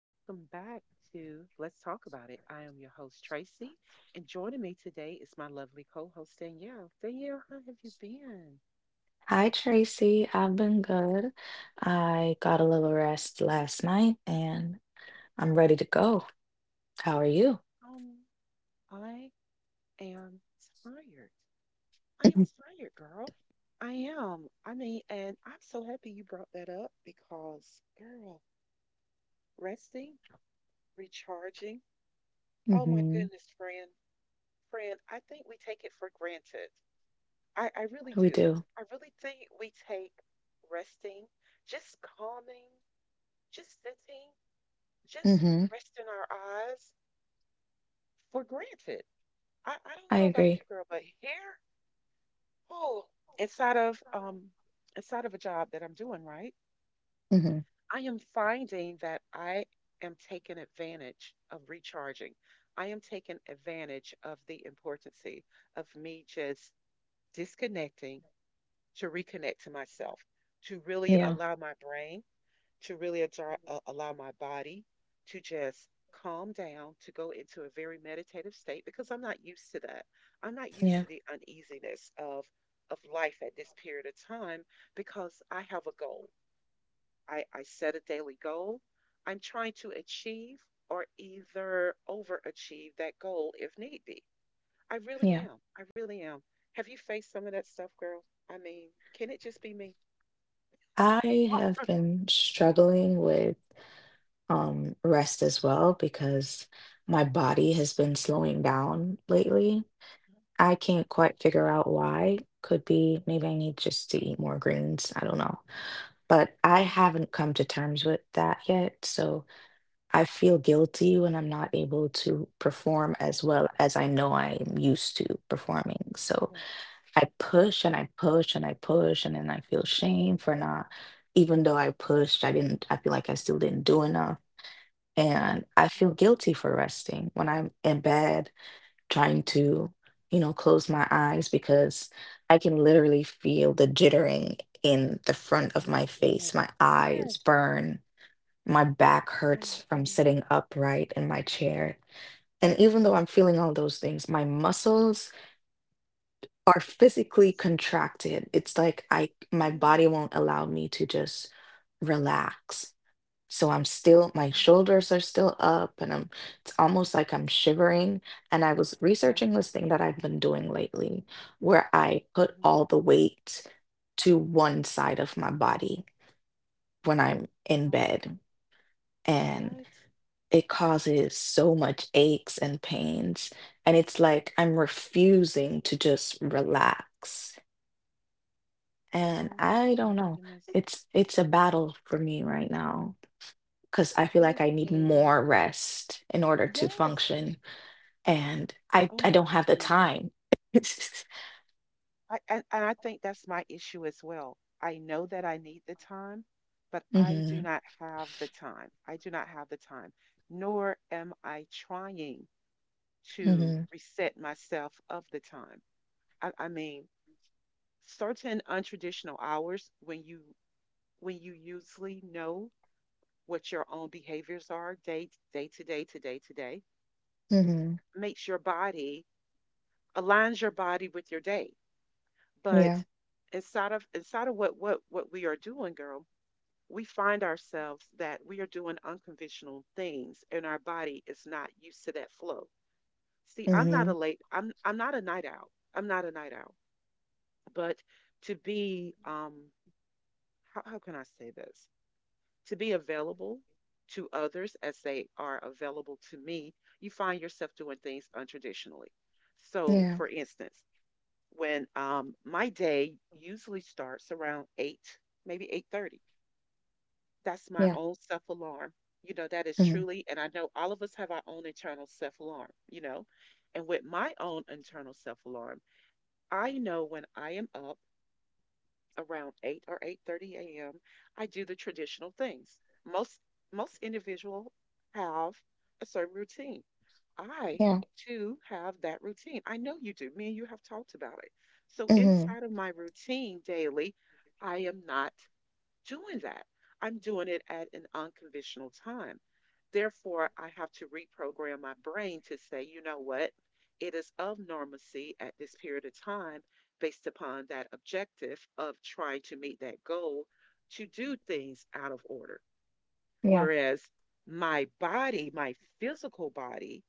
Welcome back to Let's Talk About It. I am your host, Tracy, and joining me today is my lovely co host, Danielle. Danielle, how have you been? Hi, Tracy. I've been good. I got a little rest last night and I'm ready to go. How are you? Um, I am tired. I am tired, girl. I am. I mean, and I'm so happy you brought that up because, girl, resting, recharging. Oh my Mm-hmm. goodness, friend. Friend, I think we take it for granted. I really We do. do. I really think we take resting, just calming, just sitting, just Mm-hmm. resting our eyes for granted. I don't I know about agree. you, girl, but here, oh, inside of um inside of a job that I'm doing, right? Mm-hmm. I am finding that I am taking advantage of recharging. I am taking advantage of the importance of me just disconnecting to reconnect to myself, to really Yeah, allow my brain, to really allow my body to just calm down, to go into a very meditative state because I'm not used to that. I'm not used yeah, to the uneasiness of life at this period of time because I have a goal. I set a daily goal. I'm trying to achieve or either overachieve that goal if need be. I really yeah. am. I really am. Have you faced some of that stuff, girl? I mean, can it just be me? I Oh, have been struggling with rest as well because my body has been slowing down lately. I can't quite figure out why. Could be maybe I need just to eat more greens. I don't know. But I haven't come to terms with that yet, so I feel guilty when I'm not able to perform as well as I know I am used to performing. So yes. I push and I push and I push, and then I feel shame for not, even though I pushed, I didn't, I feel like I still didn't do enough. And I Oh feel guilty for resting when I'm in bed trying to close my eyes because I can literally feel the jittering in the front of my my face. goodness. My eyes Yes. burn, my back Oh my hurts from goodness. sitting upright in my chair. And even though I'm feeling all those things, my muscles are physically Yes. contracted. It's like I my body Yes. won't allow me to just relax. So I'm still, my shoulders are still up, and it's almost like I'm shivering. And I was Yes. researching this thing that I've been doing lately where I put Mhm. all the weight to one side of my body when I'm in Oh, bed. And what? it causes so much aches and pains. And it's like I'm refusing to just relax. And Oh I my don't know. goodness. It's a battle for me right now. 'Cause I feel It like is I need a more rest in order to yes. function, and I Oh I don't my have the goodness. time. I and I think that's my issue as well. I know that I need the time, but I do Mhm, not have the time. I do not have the time, nor am I trying to mhm, reset myself of the time. I mean, certain untraditional hours when you usually know what your own behaviors are day to day to day to day mhm, makes your body aligns your body with your day but yeah, inside of what we are doing, girl, we find ourselves that we are doing unconventional things and our body is not used to that flow. See, i'm not a mhm, late i'm i'm not a night owl, I'm not a night owl. But to be how can I say this, to be available to others as they are available to me, you find yourself doing things untraditionally. So, yeah, for instance, when my day usually starts around 8, maybe 8:30. That's my yeah, own self-alarm. You know, that is mhm, truly, and I know all of us have our own internal self-alarm, you know. And with my own internal self-alarm, I know when I am up around 8 or 8:30 a.m., I do the traditional things. Most most individuals have a certain routine. I yeah, too have that routine. I know you do. Me and you have talked about it. So mhm, inside of my routine daily, I am not doing that. I'm doing it at an unconventional time. Therefore, I have to reprogram my brain to say, you know what? It is of normalcy at this period of time based upon that objective of trying to meet that goal to do things out of order. yeah, Whereas my body, my physical body,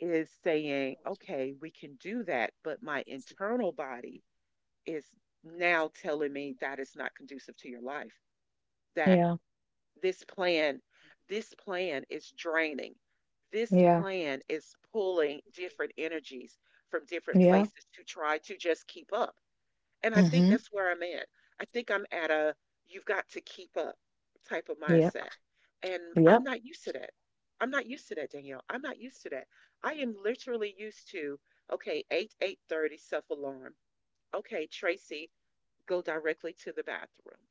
is saying, okay, we can do that, but my internal body is now telling me that is not conducive to your life. That yeah, This plan, this plan is draining. This yeah, plan is pulling different energies from different yeah, places to try to just keep up. And I think mhm, that's where I'm at. I think I'm at a you've got to keep up type of yep, mindset. And I'm yep, not used to that. I'm not used to that, Danielle. I'm not used to that. I am literally used to, okay, 8, 8:30 self-alarm. Okay, Tracy, go directly to the bathroom,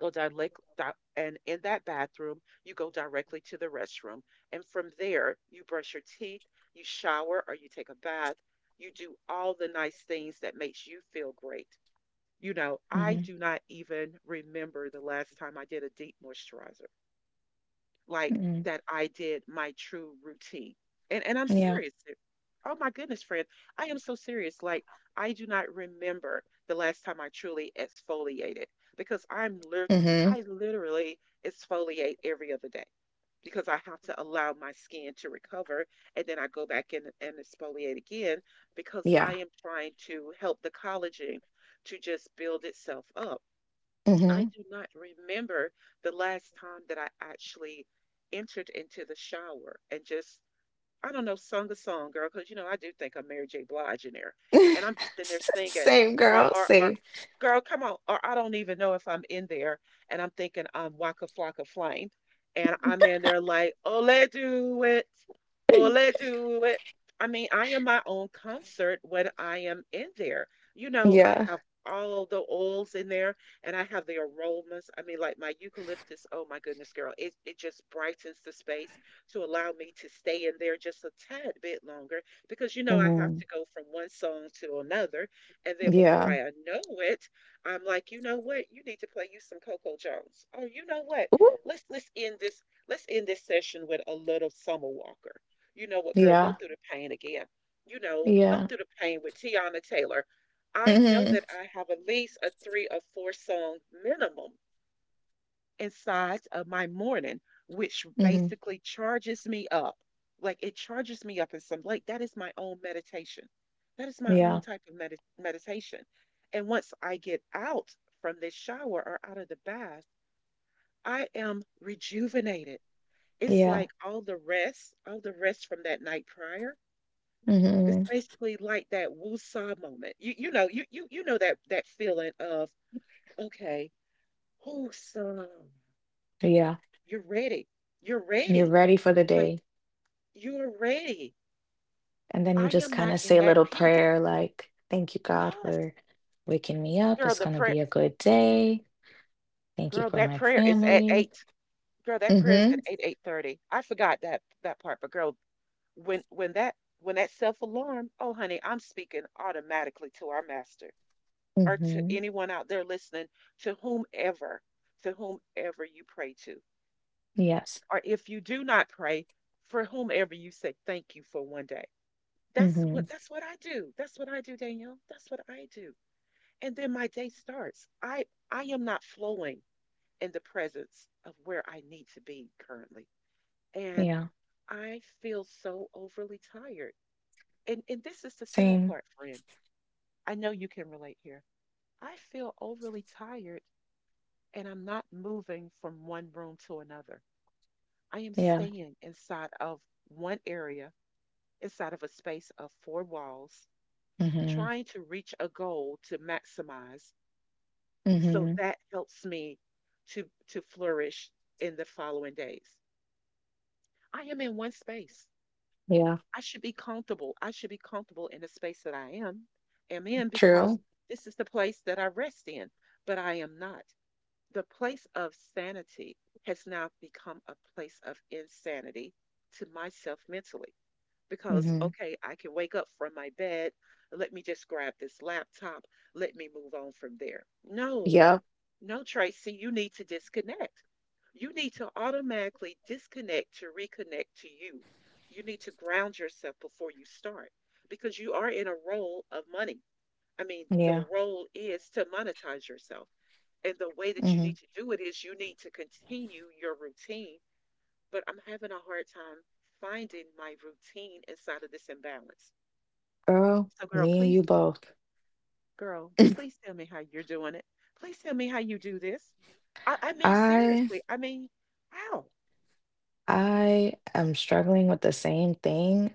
and in that bathroom, you go directly to the restroom. And from there, you brush your teeth, you shower, or you take a bath. You do all the nice things that makes you feel great. You know, I mhm, do not even remember the last time I did a deep moisturizer like mhm, that I did my true routine. And I'm yeah, serious. Oh my goodness, friend. I am so serious. Like I do not remember the last time I truly exfoliated because mhm, I literally exfoliate every other day because I have to allow my skin to recover and then I go back in and exfoliate again because yeah, I am trying to help the collagen to just build itself up. I mhm. do not remember the last time that I actually entered into the shower and just I don't know, sung a song, girl, because you know, I do think I'm Mary J. Blige in there, and I'm just in there singing, Same, or girl, same. girl, come on, or I don't even know if I'm in there, and I'm thinking, I'm Waka Flocka Flame, and I'm in there like, Ole do it, ole do it. I mean, I am my own concert when I am in there. You know, I Yeah, have all the oils in there, and I have the aromas. I mean, like my eucalyptus, oh my goodness, girl, it just brightens the space to allow me to stay in there just a tad bit longer because you know I have mhm, to go from one song to another. And then before yeah, I know it, I'm like, you know what? You need to play you some Coco Jones. Oh, you know what? ooh, Let's let's end this let's end this session with a little Summer Walker. You know what, girl, go yeah, through the pain again. You know, go yeah, through the pain with Tiana Taylor. I know mhm, that I have at least a three or four song minimum inside of my morning, which mhm. basically charges me up. Like it charges me up in some like that is my own meditation. That is my own Yeah, type of meditation. And once I get out from this shower or out of the bath, I am rejuvenated. It's yeah, like all the rest from that night prior. It's hmm, basically like that woo-saw moment. You know, you know that that feeling of, okay, woo-saw. yeah. You're ready. You're You're ready. ready for the Like, day, you are ready. and then you I just am kind not of in say a that little peace. prayer like, "Thank you, God, Yes, for waking me up. girl, It's the gonna prayer, be a good day. Thank you girl, for that my prayer is at family." eight. Girl, that prayer is Mm-hmm. at eight, 8:30. I forgot that part, but girl, when when that when that self alarm, oh honey, I'm speaking automatically to our master or to Mm-hmm. anyone out there listening, to whomever, to whomever you pray to, Yes. or if you do not pray, for whomever you say thank you for one day. That's Mm-hmm. what that's what I do. That's what I do, Danielle. That's what I do. And then my day starts. I am not flowing in the presence of where I need to be currently. And Yeah. I feel so overly tired. And this is the sad Same. part, friend. I know you can relate here. I feel overly tired and I'm not moving from one room to another. I am Yeah. staying inside of one area, inside of a space of four walls, Mm-hmm. trying to reach a goal to maximize. So Mm-hmm. that helps me to flourish in the following days. I am in one space. Yeah. I should be comfortable. I should be comfortable in the space that I am in because True. this is the place that I rest in, but I am not. The place of sanity has now become a place of insanity to myself mentally because Mm-hmm. okay, I can wake up from my bed, let me just grab this laptop, let me move on from there. No, Yep. no, Tracy, you need to disconnect. You need to automatically disconnect to reconnect to you. You need to ground yourself before you start because you are in a role of money. I mean, the Yeah. role is to monetize yourself. And the way that you Mm-hmm. need to do it is you need to continue your routine. But I'm having a hard time finding my routine inside of this imbalance. Girl, So, girl, me and you both. Please tell me how you're doing it. Please tell me how you do this. I mean, I seriously. I mean, how? I am struggling with the same thing.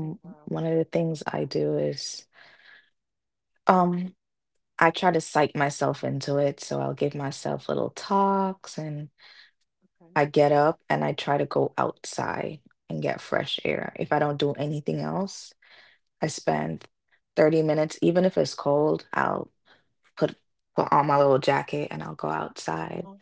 Oh, wow. One of the things I do is um I try to psych myself into it, so I'll give myself little talks, and Okay. I get up and I try to go outside and get fresh air. If I don't do anything else, I spend 30 minutes, even if it's cold. I'll put put on my little jacket and I'll go outside, Uh-huh.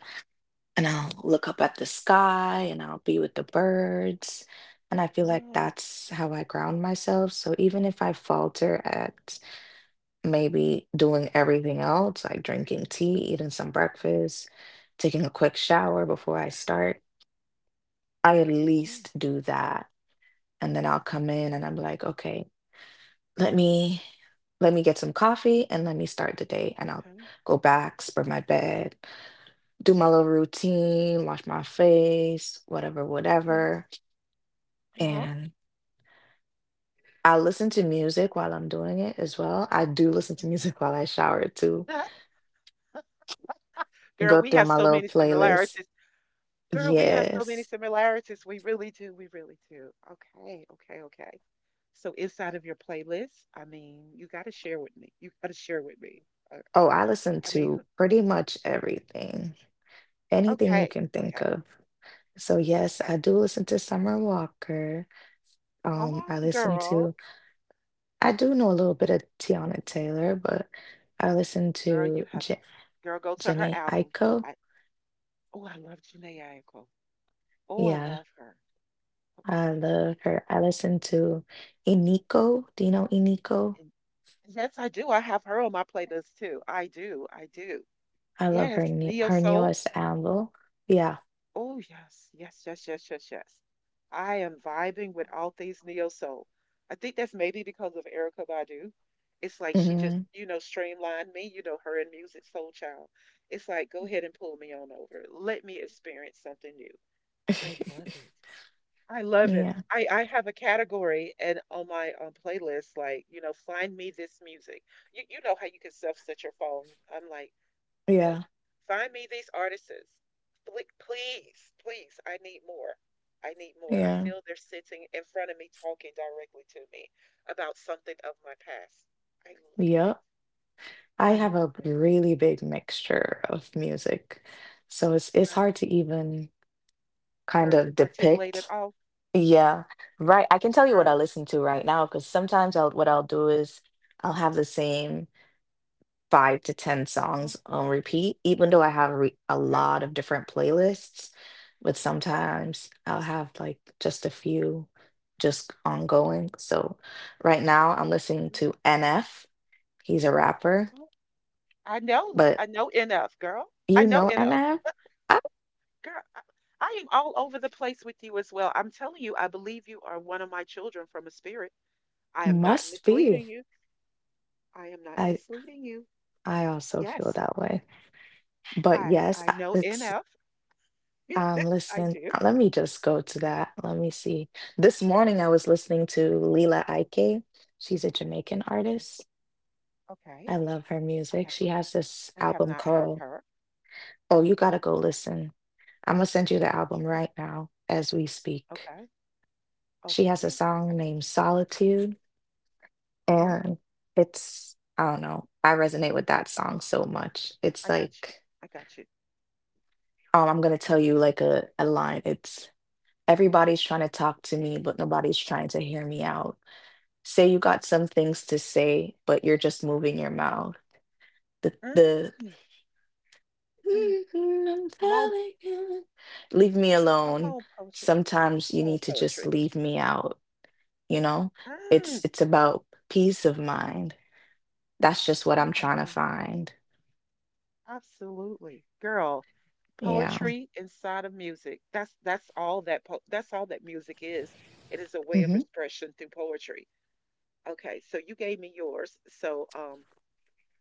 and I'll look up at the sky and I'll be with the birds. And I feel like Yes. that's how I ground myself. So even if I falter at maybe doing everything else, like drinking tea, eating some breakfast, taking a quick shower before I start, I at Yes. least do that. And then I'll come in and I'm like, okay, let me let me get some coffee and let me start the day. And I'll Okay. go back, spread my bed, do my little routine, wash my face, whatever, Yes. whatever. Uh-huh. And I listen to music while I'm doing it as well. I do listen to music while I Okay. shower too. Girl, Go we through have my so little many playlist. similarities. Girl, we have so many Yes. similarities. We really do. We really do. Okay. Okay. Okay. So inside of your playlist, I mean, you got to share with me. You got to share with me. Uh, Oh, I listen I mean, to pretty much everything, anything you okay. can think Okay. of. So yes, I Okay. do listen to Summer Walker. Come Um, I on, listen girl. to, I do know a little bit of Tiana Taylor, but I listen Girl, you to have J Girl, go to her Jhené album. Aiko. I Oh, I love Jhené Aiko. Oh, I Yeah, love her. I Okay. love her. I listen to Iniko. Do you know Iniko? And yes, I do. I have her on my playlist too. I do. I do. I love Yes, her new, Neo her Soul. newest album. Yeah. Oh, yes. Yes, yes, yes, yes, yes. I am vibing with all things Neo Soul. I think that's maybe because of Erica Badu. It's like she just, Hmm. you know, streamlined me, you know, her and Music Soul Child. It's like, go ahead and pull me on over. Let me experience something new. I love it. I love it. Yeah. I have a category and on my playlist, like, you know, find me this music. You know how you can self-set your phone. I'm like, oh, Yeah, find me these artists. Please, please, I need more. I need more. I yeah, feel they're sitting in front of me talking directly to me about something of my past. I love it. yep. I I have love a it. really big mixture of music, so it's Girl, hard to even kind girl to of articulate it depict. all. Yeah, right. I can tell you what I Girl. listen to right now, because sometimes I'll what I'll do is I'll have the same 5 to 10 Mhm. songs on repeat, even though I have re a Okay. lot of different playlists. But Okay. sometimes I'll have like just a few just ongoing. Okay. So right now I'm listening to NF. He's a rapper. Mhm. I know. But I know enough, girl. you I know know, and enough. I Girl, I am all over the place with you as well. I'm telling you, I believe you are one of my children from a spirit. I am not must be. misleading you. I am not I misleading you. I also feel Yes, that way. But yes, I know let's see. NF. I Listen, do. Let me just go to that. Let me see. This morning I was listening to Leela Ike. She's a Jamaican Okay. artist. Okay. I love her I music. haven't She has this I have album not heard called. her. Oh, you gotta go listen. I'm gonna send you the album Okay. right now as we speak. Okay. She has a Okay. Okay. song named Solitude. Uh-huh. And it's, I don't know, I resonate with that song so much. I It's got you. like, I got you. I'm gonna Okay. tell you like a line. It's, everybody's trying to talk to me, but nobody's trying to hear me out. Say you got some things to say, but you're just moving your mouth. The Mm, mm. "Mm, I'm Come on. telling you." Leave me Come alone. on, poetry. Sometimes Come you on, need to poetry. just leave me out, you know? Mm, It's about peace of mind. That's just what come I'm trying to on. find. Absolutely. Girl, Yeah. poetry inside of music. That's all that that's all that music is. It is a way of Mhm. expression through poetry. Okay, so you gave me yours. So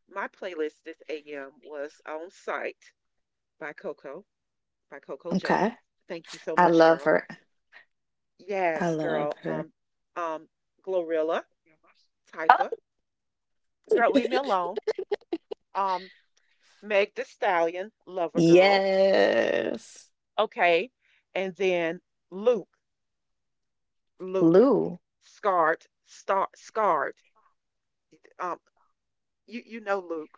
my playlist this AM was On Sight by Coco, by Coco Okay. Jones. Thank you so I much, love girl. her. I Yes, love girl. her. Um Glorilla, Oh. Typa. Girl, leave me alone. Um, Meg the Stallion, Lover Girl. Yes. Okay. And then Luke. Luke Lou. scarred, star, scarred. Um, you know Luke.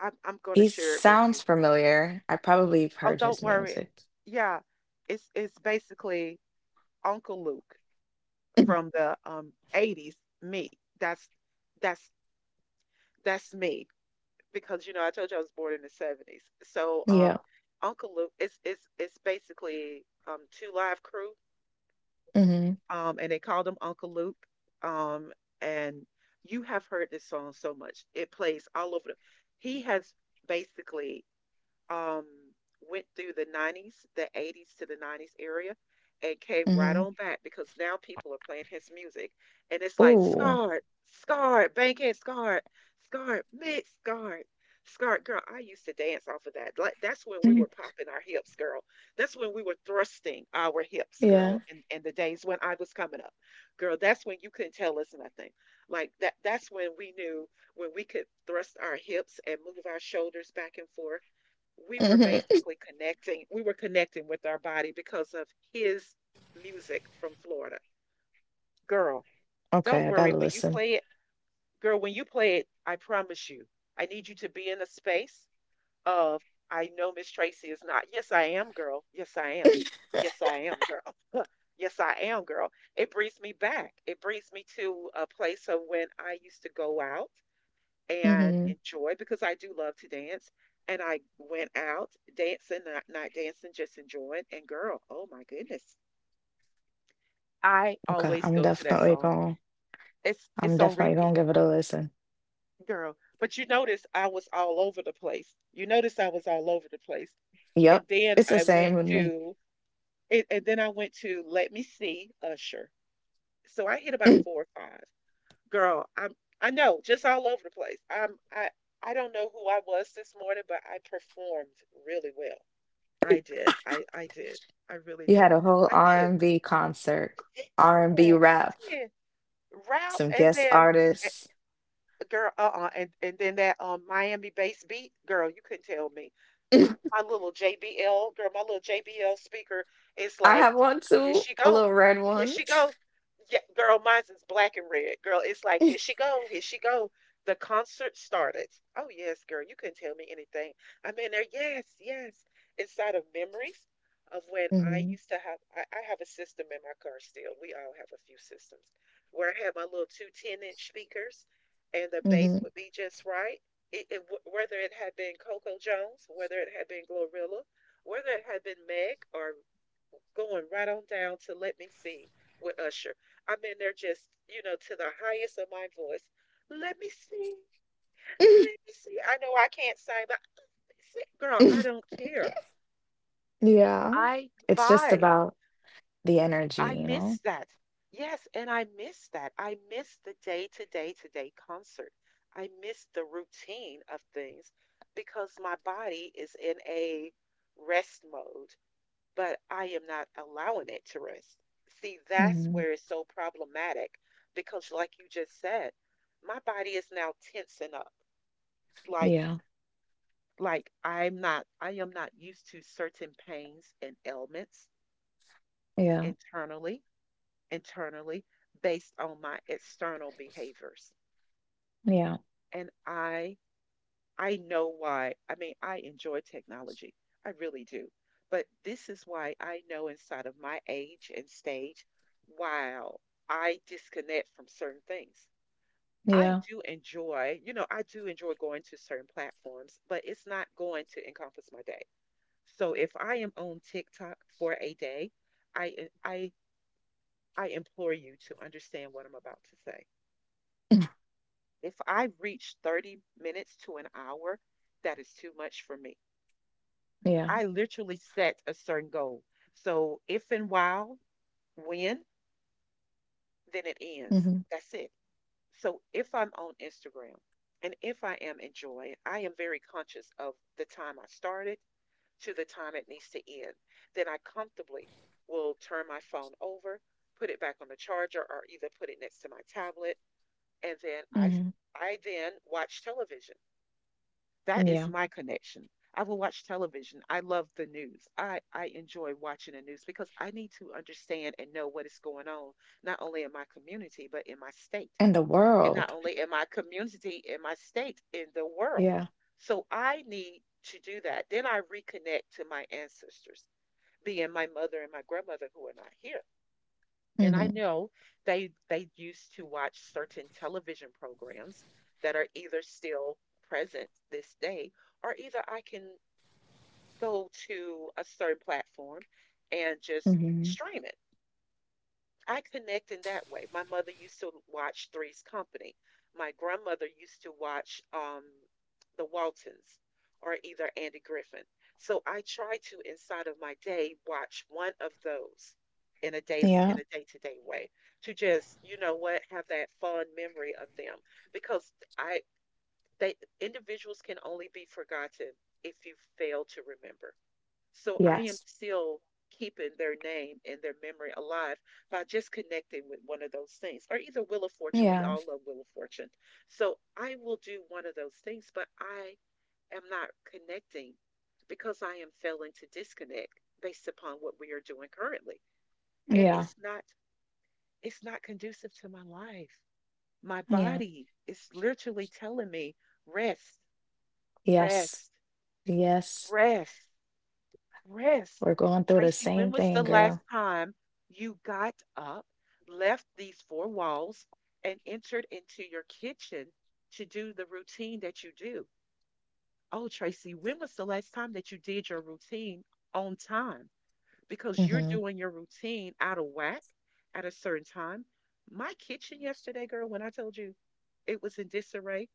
I'm going to He share it with you. sounds familiar. I probably have Oh, heard don't his worry. music. Yeah, it's basically Uncle Luke from the 80s. Me. That's that's me because you know I told you I was born in the 70s. So, Yeah. Uncle Luke is basically two live crew. Mm-hmm. Um, and they called him Uncle Luke. Um, and you have heard this song so much; it plays all over. He has basically, um, went through the 90s, the 80s to the 90s area, and came right Mm-hmm. on back because now people are playing his music. And it's like Ooh. Scarred, Scarred, Bankhead Scarred, Scarred, Mix Scarred. Scarred, girl, I used to dance off of that. Like that's when we Mhm. were popping our hips, girl. That's when we were thrusting our hips, Yeah. girl. In the days when I was coming up, girl, that's when you couldn't tell us nothing. Like that. That's when we knew when we could thrust our hips and move our shoulders back and forth we were Mm-hmm. basically connecting. We were connecting with our body because of his music from Florida. Girl, don't Okay, I worry gotta when you listen. play it. Girl, when you play it, I promise you, I need you to be in a space of I know Miss Tracy is not. Yes, I am, girl. Yes, I am. Yes, I am, girl. yes, I am, girl. It brings me back. It brings me to a place of when I used to go out and Mm-hmm. enjoy because I do love to dance. And I went out dancing, not dancing, just enjoying. And girl, oh my goodness, I Okay, always I'm go to that definitely song. gonna It's I'm it's on definitely gonna repeat, give it a listen. girl. But you notice I was all over the place. You notice I was all over the place. Yep. And then It's the I same went with me. to and then I went to Let Me See Usher. So I hit about four or five. Girl, I'm I know, just all over the place. I don't know who I was this morning, but I performed really well. I did. I did. I really You had did. a whole I did. R&B concert, R&B Yeah, I rap, did. Rap some and guest then artists. girl, uh-uh. And then that Miami-based beat, girl, you couldn't tell me. My, my little JBL, girl, my little JBL speaker is I like, have one here too, she a go, little red here one. she go. Yeah, girl, mine's is black and red. Girl, it's like, here she go, here she go. The concert started. Oh yes, girl, you couldn't tell me anything. I'm in there, yes, yes. Inside of memories of when I Mhm, used to have, I have a system in my car still. We all have a few systems where I had my little 2 10 10-inch speakers and the base mhm. would be just right. Whether it had been Coco Jones, whether it had been Glorilla, whether it had been Meg, or going right on down to Let Me Sing with Usher. I mean, they're just, you know, to the highest of my voice. Let me sing. Let me sing. I know I can't sing, but girl, I don't care. Yeah, I it's just vibe. about the energy, I you know? miss that. Yes, and I miss that. I miss the day to day to day concert. I miss the routine of things because my body is in a rest mode, but I am not allowing it to rest. See, that's Mhm. where it's so problematic because like you just said, my body is now tensing up. Like Yeah, like I am not used to certain pains and ailments yeah, internally internally based on my external behaviors. yeah, And I know why. I mean, I enjoy technology. I really do. But this is why I know inside of my age and stage wow, I disconnect from certain things. I yeah, do enjoy, you know, I do enjoy going to certain platforms, but it's not going to encompass my day. So if I am on TikTok for a day, I I I implore you to understand what I'm about to say. If I reach 30 minutes to an hour, that is too much for me. yeah, I literally set a certain goal. So if and while, when, then it ends. mhm, That's it. So if I'm on Instagram and if I am enjoying, I am very conscious of the time I started to the time it needs to end. Then I comfortably will turn my phone over, put it back on the charger or either put it next to my tablet, and then mhm, I then watch television. That is yeah, my connection. I will watch television. I love the news. I enjoy watching the news because I need to understand and know what is going on, not only in my community, but in my state. and the And not world, only in my community, in my state, in the world. yeah, So I need to do that. Then I reconnect to my ancestors, being my mother and my grandmother who are not here. And I mhm, know they used to watch certain television programs that are either still present this day, or either I can go to a certain platform and just mhm, stream it. I connect in that way. My mother used to watch Three's Company. My grandmother used to watch, The Waltons or either Andy Griffin. So I try to inside of my day watch one of those in a day yeah, in a day-to-day way to just, you know what, have that fond memory of them because I they individuals can only be forgotten if you fail to remember. So I am yes, still keeping their name and their memory alive by just connecting with one of those things, or either Wheel of Fortune. We yeah, all love Wheel of Fortune. So I will do one of those things, but I am not connecting because I am failing to disconnect based upon what we are doing currently. And yeah, it's not conducive to my life. My yeah, body is literally telling me rest, yes, rest, yes, rest. Rest. we're going through the Tracy, when same was the thing, last girl. time you got up, left these four walls, and entered into your kitchen to do the routine that you do? Oh, Tracy, when was the last time that you did your routine on time? Because you're Mhm, doing your routine out of whack at a certain time. My kitchen yesterday, girl, when I told you it was in disarray,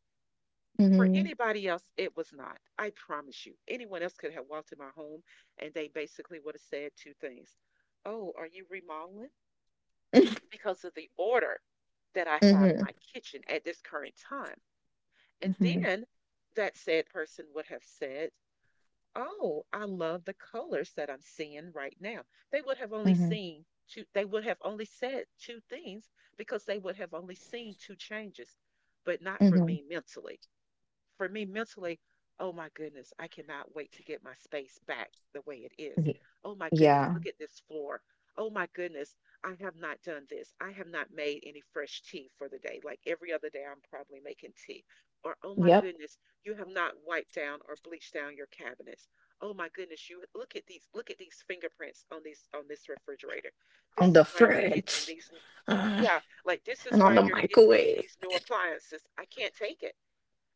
for mhm, anybody else, it was not. I promise you. Anyone else could have walked in my home and they basically would have said two things. Oh, are you remodeling? Because of the order that I mhm, have in mhm, my kitchen at this current time. And then that said person would have said, oh, I love the colors that I'm seeing right now. They would have only mhm, seen they would have only said two things because they would have only seen two changes, but not for me mhm. mentally, for me mentally, oh my goodness, I cannot wait to get my space back the way it is. Y- Oh my goodness, Yeah. look at this floor. Oh my goodness, I have not done this. I have not made any fresh tea for the day. Like every other day, I'm probably making tea. Or, oh my Yep. goodness, you have not wiped down or bleached down your cabinets. Oh my goodness, you look at these fingerprints on these on this refrigerator. On This is the why you're getting fridge these, uh, yeah, like this is and on why the you're getting microwave. these new appliances. I can't take it.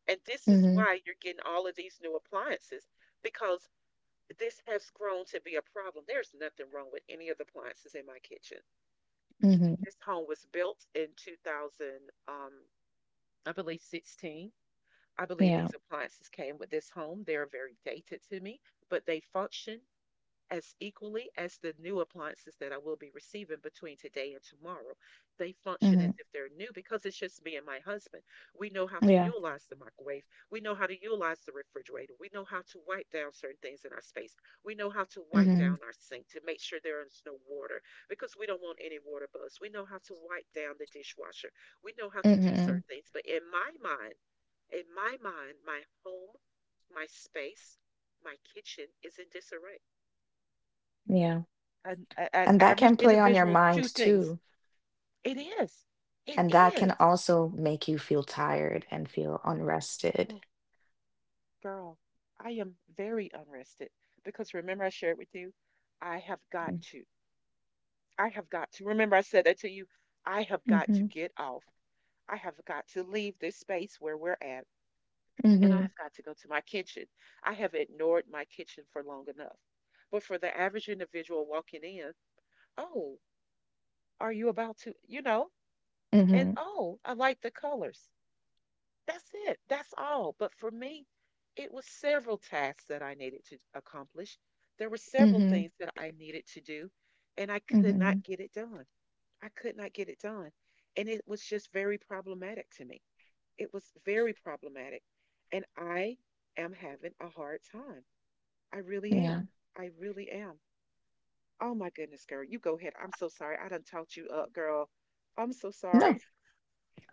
And this is Hmm. why you're getting all of these new appliances because this has grown to be a problem. There's nothing wrong with any of the appliances in my kitchen. Hmm. This home was built in 2000, um, I believe 16. I believe Yeah. these appliances came with this home. They're very dated to me, but they function as equally as the new appliances that I will be receiving between today and tomorrow. They function Hmm. as if they're new because it's just me and my husband. We know how to Yeah. utilize the microwave. We know how to utilize the refrigerator. We know how to wipe down certain things in our space. We know how to wipe Hmm. down our sink to make sure there is no water because we don't want any water bugs. We know how to wipe down the dishwasher. We know how to do Hmm. certain things. But in my mind, my home, my space, my kitchen is in disarray Yeah. an, a- an And that average can play on your individual mind two things. too. It is. It And that can is. also make you feel tired and feel unrested. Oh, girl, I am very unrested because remember I shared with you, I have got to. I have got to. Remember I said that to you. I have got to Mm-hmm. get off. I have got to leave this space where we're at, and I Hmm. have got to go to my kitchen. I have ignored my kitchen for long enough. But for the average individual walking in, oh, are you about to, you know, and Hmm. oh, I like the colors. That's it. That's all. But for me, it was several tasks that I needed to accomplish. There were several Hmm. things that I needed to do, and I could not Hmm. get it done. I could not get it done. And it was just very problematic to me. It was very problematic. And I am having a hard time. I really am. Yeah. I really am. Oh my goodness, girl. You go ahead. I'm so sorry. I done talked you up, girl. I'm so No, sorry.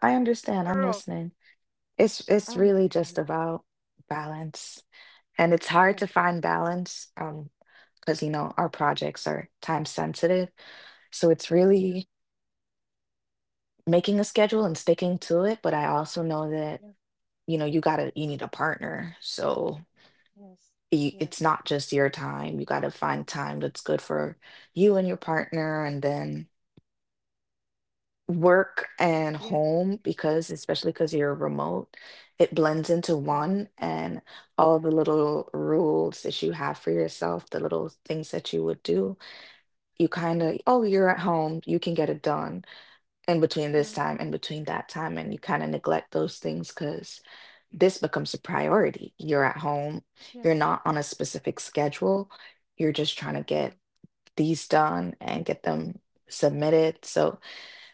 I understand. I'm Girl. listening. It's Oh my really just goodness. about balance. And it's hard Yeah. to find balance. Because you know our projects are time sensitive, so it's Yeah. really making a schedule and sticking to it. But I also know that, Yeah. you know, you need a partner, so Yes, it's yes, not just your time. You gotta find time that's good for you and your partner, and then work and yes, home, because especially because you're remote, it blends into yeah, one. And all the little rules that you have for yourself, the little things that you would do, you kind yes, of, oh, you're at home, you can get it done in between this yeah, time and between that time, and you kind of neglect those things because this becomes a priority. You're at home, you're yes, not on a specific schedule, you're just trying to yeah, get these done and get them submitted. So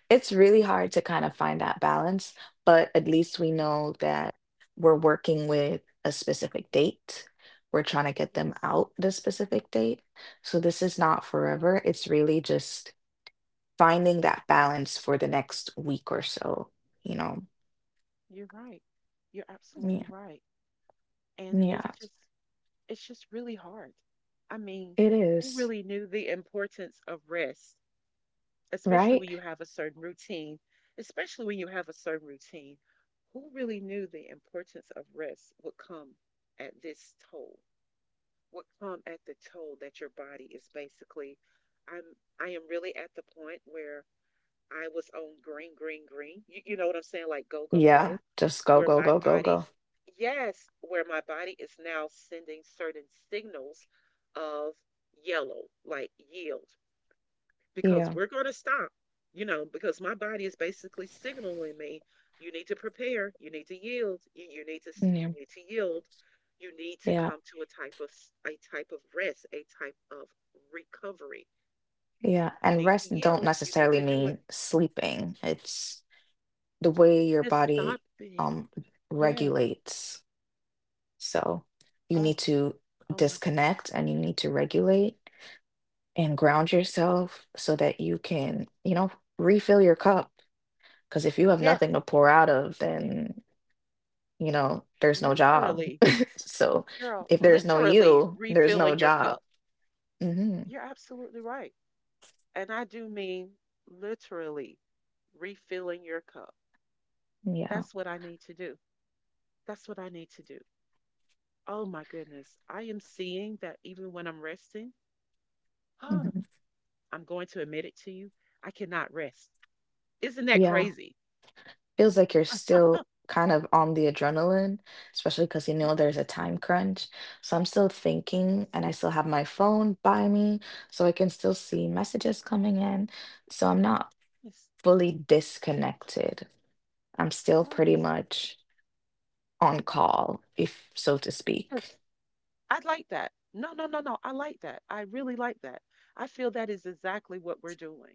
it's really hard to kind of find that balance. But at least we know that we're working with a specific date, we're trying to get them yes. out the specific date. So this is not Right. forever. It's really just finding that balance for the next week or so, you know? You're right. You're Yeah, absolutely right. And it's yeah, just it's just really hard. I mean, it who is, really knew the importance of rest, especially right? when you have a certain routine, especially when you have a certain routine, who really knew the importance of rest would come at this toll, would come at the toll that your body is basically I'm I am really at the point where I was on green, green, green. You know what I'm saying? Like go, go, Yeah, go. just go, Where go, my go, go, body, go. yes, where my body is now sending certain signals of yellow, like yield, because Yeah, we're going to stop, you know, because my body is basically signaling me, you need to prepare, you need to yield, you need to, yeah, you need to yield, you need to yeah, come to a type of, s- a type of rest, a type of recovery. yeah. You And need to rest don't yield, you need necessarily to do it. mean sleeping. It's the way your Just body stopping. um Yes. regulates. So you need Oh, to oh my goodness. disconnect, and you need to regulate and ground yourself so that you can refill your cup. Because if you have Yes, nothing to pour out of, then there's no job. literally, So girl, if there's no literally you, there's no refilling your job. cup. Hmm. You're absolutely right. And I do mean literally refilling your cup. Yeah. That's what I need to do. That's what I need to do. Oh my goodness. I am seeing that even when I'm resting, huh, Hmm. I'm going to admit it to you, I cannot rest. Isn't that Yeah. crazy? Feels like you're still kind of on the adrenaline, especially because you know there's Yes, a time crunch. So I'm still thinking, yes, and I still have my phone by me so I can still see messages coming in. So I'm not yes, fully disconnected. I'm still pretty yes, much on call, if so to speak. yes. I like that. No, no, no, no. I like that. I really like that. I feel that is exactly what we're doing.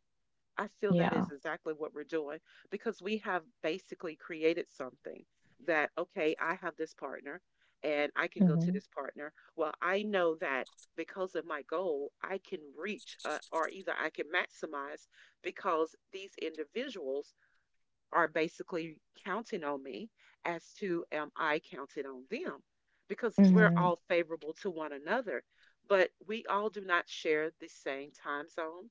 I feel that Yeah. is exactly what we're doing because we have basically created something that, okay, I have this partner and I can go to Hmm. this partner. Well, I know that because of my goal, I can reach or either I can maximize because these individuals are basically counting on me as to am I counting on them? Because we're Hmm. all favorable to one another, but we all do not share the same time zone,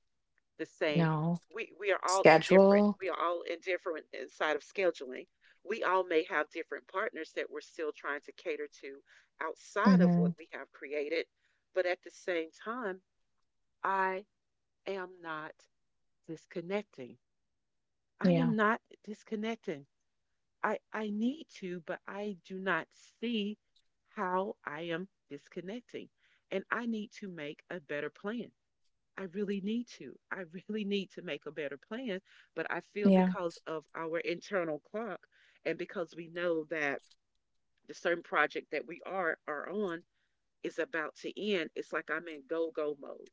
the same. No. We are all indifferent. Schedule. We are all indifferent inside of scheduling. We all may have different partners that we're still trying to cater to outside of what Mhm. we have created. But at the same time, I am not disconnecting. I Yeah. am not disconnecting. I need to, but I do not see how I am disconnecting. And I need to make a better plan. I really need to. I really need to make a better plan, but I feel Yeah. because of our internal clock and because we know that the certain project that we are on is about to end, it's like I'm in go go mode.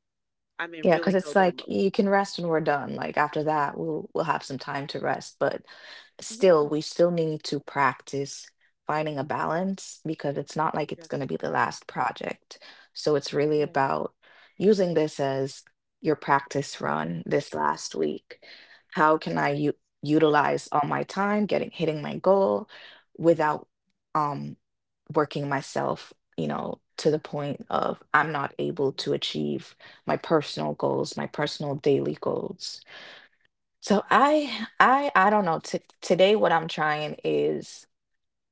I'm in Yeah, really because it's go go like mode. you can rest when we're done. Like after that, we'll have some time to rest. But still, Yes, we still need to practice finding a balance, because it's not like it's going yes, to be the last project. So it's really yes. about using this as your practice run this last week. How can I u utilize all my time getting hitting my goal without um working myself to the point of I'm not able to achieve my personal goals, my personal daily goals. So I don't know. Today what I'm trying is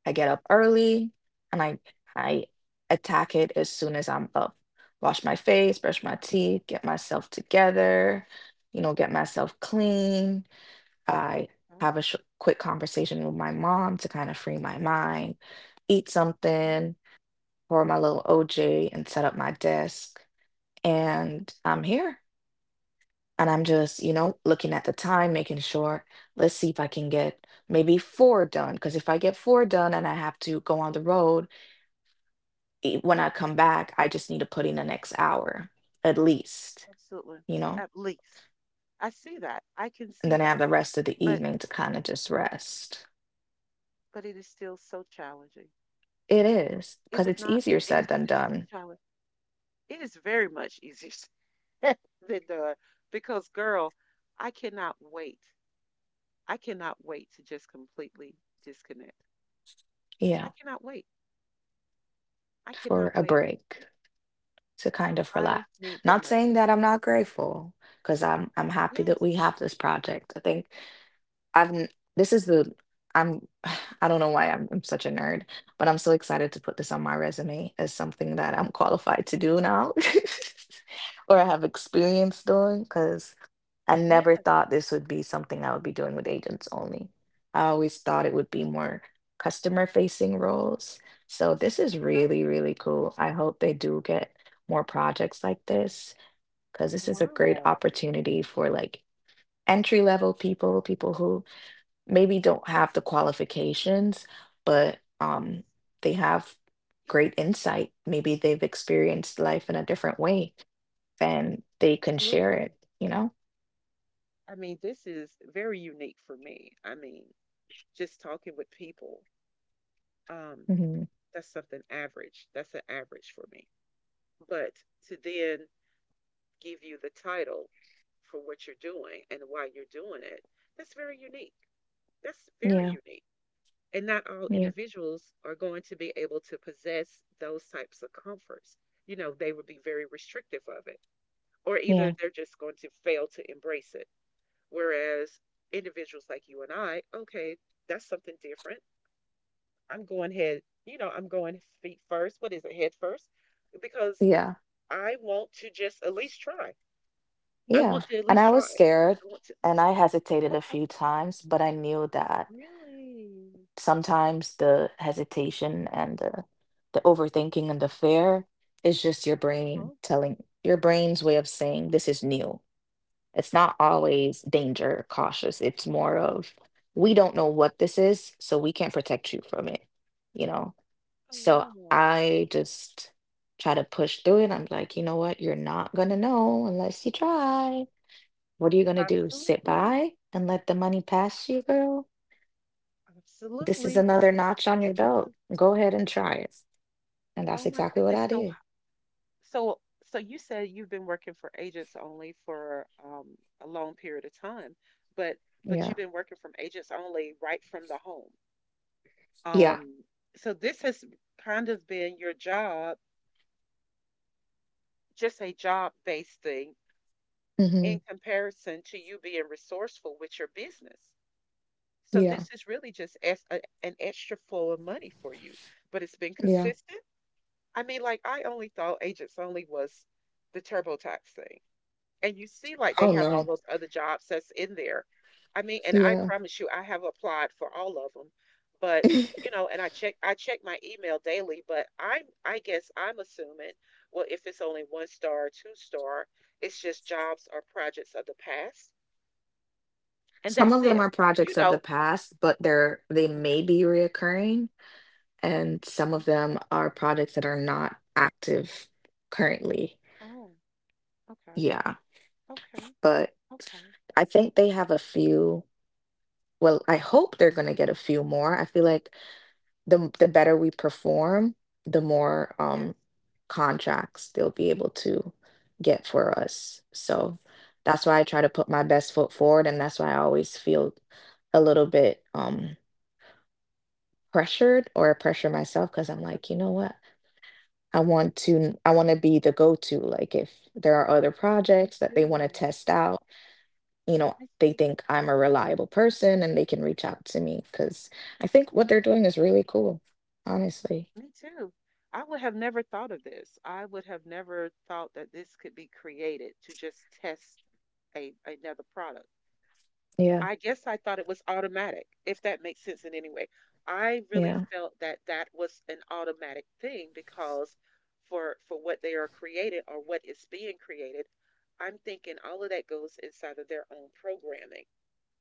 I get up early and I uh I attack it as soon as I'm up. Wash my face, brush my teeth, get myself together get myself clean. I have a quick conversation with my mom to kind of free my mind, eat Uh-huh. something, pour my little OJ and set up my desk and I'm here. And I'm just, you know, looking at the time, making sure, let's see if I can get maybe four done. Because if I get four done and I have to go on the road, when I come back, I just need to put in the next hour at least, Absolutely. you know? At least. I see that. I can And see then I have that. the rest of the But evening to kind of just rest. but it is still so challenging. It is, Is because it it's not? easier It said is than still so done. challenging. It is very much easier said than done because girl, I cannot wait. I cannot wait to just completely disconnect. Yeah, I cannot wait. I for cannot a wait. break to kind of relax. I need the Not merch. saying that I'm not grateful, because I'm happy that Yes. we have this project. I think I've n- this is the I'm I don't know why I'm such a nerd, but I'm so excited to put this on my resume as something that I'm qualified to do now or I have experience doing because I never Yes, thought this would be something I would be doing with agents only. I always thought it would be more customer facing roles. So this is got really, you. really cool. I hope they do get more projects like this because this is a great Wow. opportunity for like entry level people, people who maybe don't have the qualifications, but they have Yes, great insight. Maybe they've experienced life in a different way and they can share it, absolutely. you know? I mean, this is very unique for me. I mean, just talking with people, um, Hmm. that's something average. That's an average for me. But to then give you the title for what you're doing and why you're doing it, that's very unique. That's very Yeah, unique. And not all yeah, individuals are going to be able to possess those types of comforts. You know, they would be very restrictive of it, or either yeah, they're just going to fail to embrace it. Whereas individuals like you and I, okay, that's something different. I'm going head, you know, I'm going feet first. What is it, head first? Because yeah, I want to just at least try. I yeah. want to at And least I try. was scared I want to. and I hesitated a Okay, few times, but I knew that really? sometimes the hesitation and the overthinking and the fear is just your brain Uh-huh. telling your brain's way of saying this is new. It's not Okay. always danger cautious. It's more of we don't know what this is, so we can't protect you from it, you know? Oh So wow! I just try to push through it. I'm like, you know what? You're not gonna know unless you try. What are you gonna do? Sit Absolutely, by and let the money pass you, girl? This is absolutely, another notch on your belt. absolutely. Go ahead and try it. And that's Oh my exactly what goodness. I So, did. so, so you said you've been working for agents only for a long period of time, but but Yeah. you've been working from agents only right from the home. Yeah. Um, so this has kind of been your job, just a job-based thing in Hmm. comparison to you being resourceful with your business. So Yeah. this is really just as a, an extra flow of money for you, but it's been Yeah. consistent. I mean, like I only thought agents only was the TurboTax thing. And you see, like, they Oh have all no. those other jobs that's in there. I mean, and I Yeah. promise you, I have applied for all of them, but you know, and I check my email daily, but I'm I guess I'm assuming, well, if it's only one star, or two-star, it's just jobs or projects of the past, and Some that's of them it. are You projects of the know. past, but they Okay. may be reoccurring, and some of Okay. them are projects that are not active currently. Oh. Okay. Yeah, Okay. but Okay. I think they have a few. Well, I hope they're going to get a few more. I feel like the better we perform, the more Yes. Contracts they'll be able to get for us. So that's why I try to put my best foot forward, and that's why I always feel a little bit pressured or pressure myself because I'm Okay. like, you know what? I want to be the go-to. Like if there are other Me projects that they want to too. test out, you know, Me they too. think I'm a reliable person and they can reach out to me because I think what they're doing is really cool, honestly. Me too. I would have never thought of this. I would have never thought that this could be created to just test a another product. Yeah, I guess I thought it was automatic, if that makes sense in any way. I really yeah, felt that that was an automatic thing because for what they are created or what is being created, I'm thinking all of that goes inside of their own programming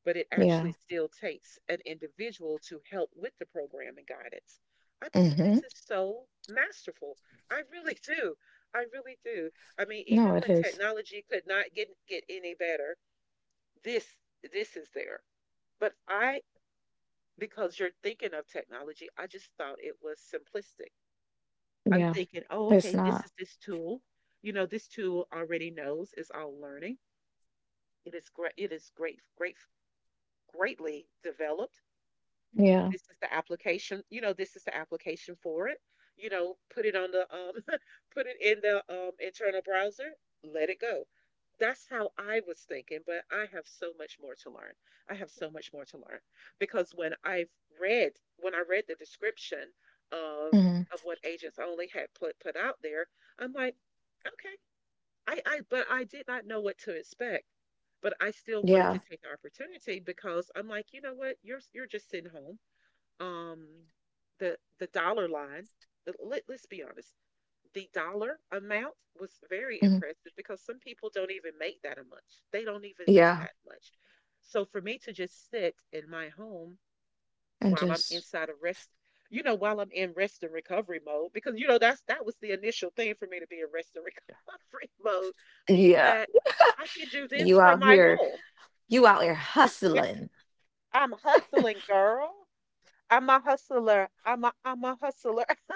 but it yeah. actually still takes an individual to help with the program and guidance. I think Mm-hmm. this is so masterful. I really do. I really do. I mean, No, even it when is. technology could not get any better, this this is there. But I because you're thinking of technology, I just thought it was simplistic. I'm Yeah. thinking, oh, It's okay, this not. is this tool. You know, this tool already knows is all learning. It is great. It is great, great, greatly developed Yeah. this is the application you know this is the application for it you know put it on the put it in the internal browser let it go that's how I was thinking but I have so much more to learn I have so much more to learn because when I've read when I read the description of Hmm. What agents only had put out there I'm like okay I but I did not know what to expect but I still wanted to Yeah. take the opportunity because I'm like, you know what? You're just sitting home um, the dollar line. Let's be honest. The dollar amount was very Hmm. impressive because some people don't even make that much. They don't even make Yeah. that much. So for me to just sit in my home And while I'm just inside of rest, while I'm in rest and recovery mode, because you know that was the initial thing for me to be in rest and recovery mode. yeah, That I can do this you from out my here, home. you out here This- hustling. I'm hustling, girl. I'm a hustler. I'm a hustler.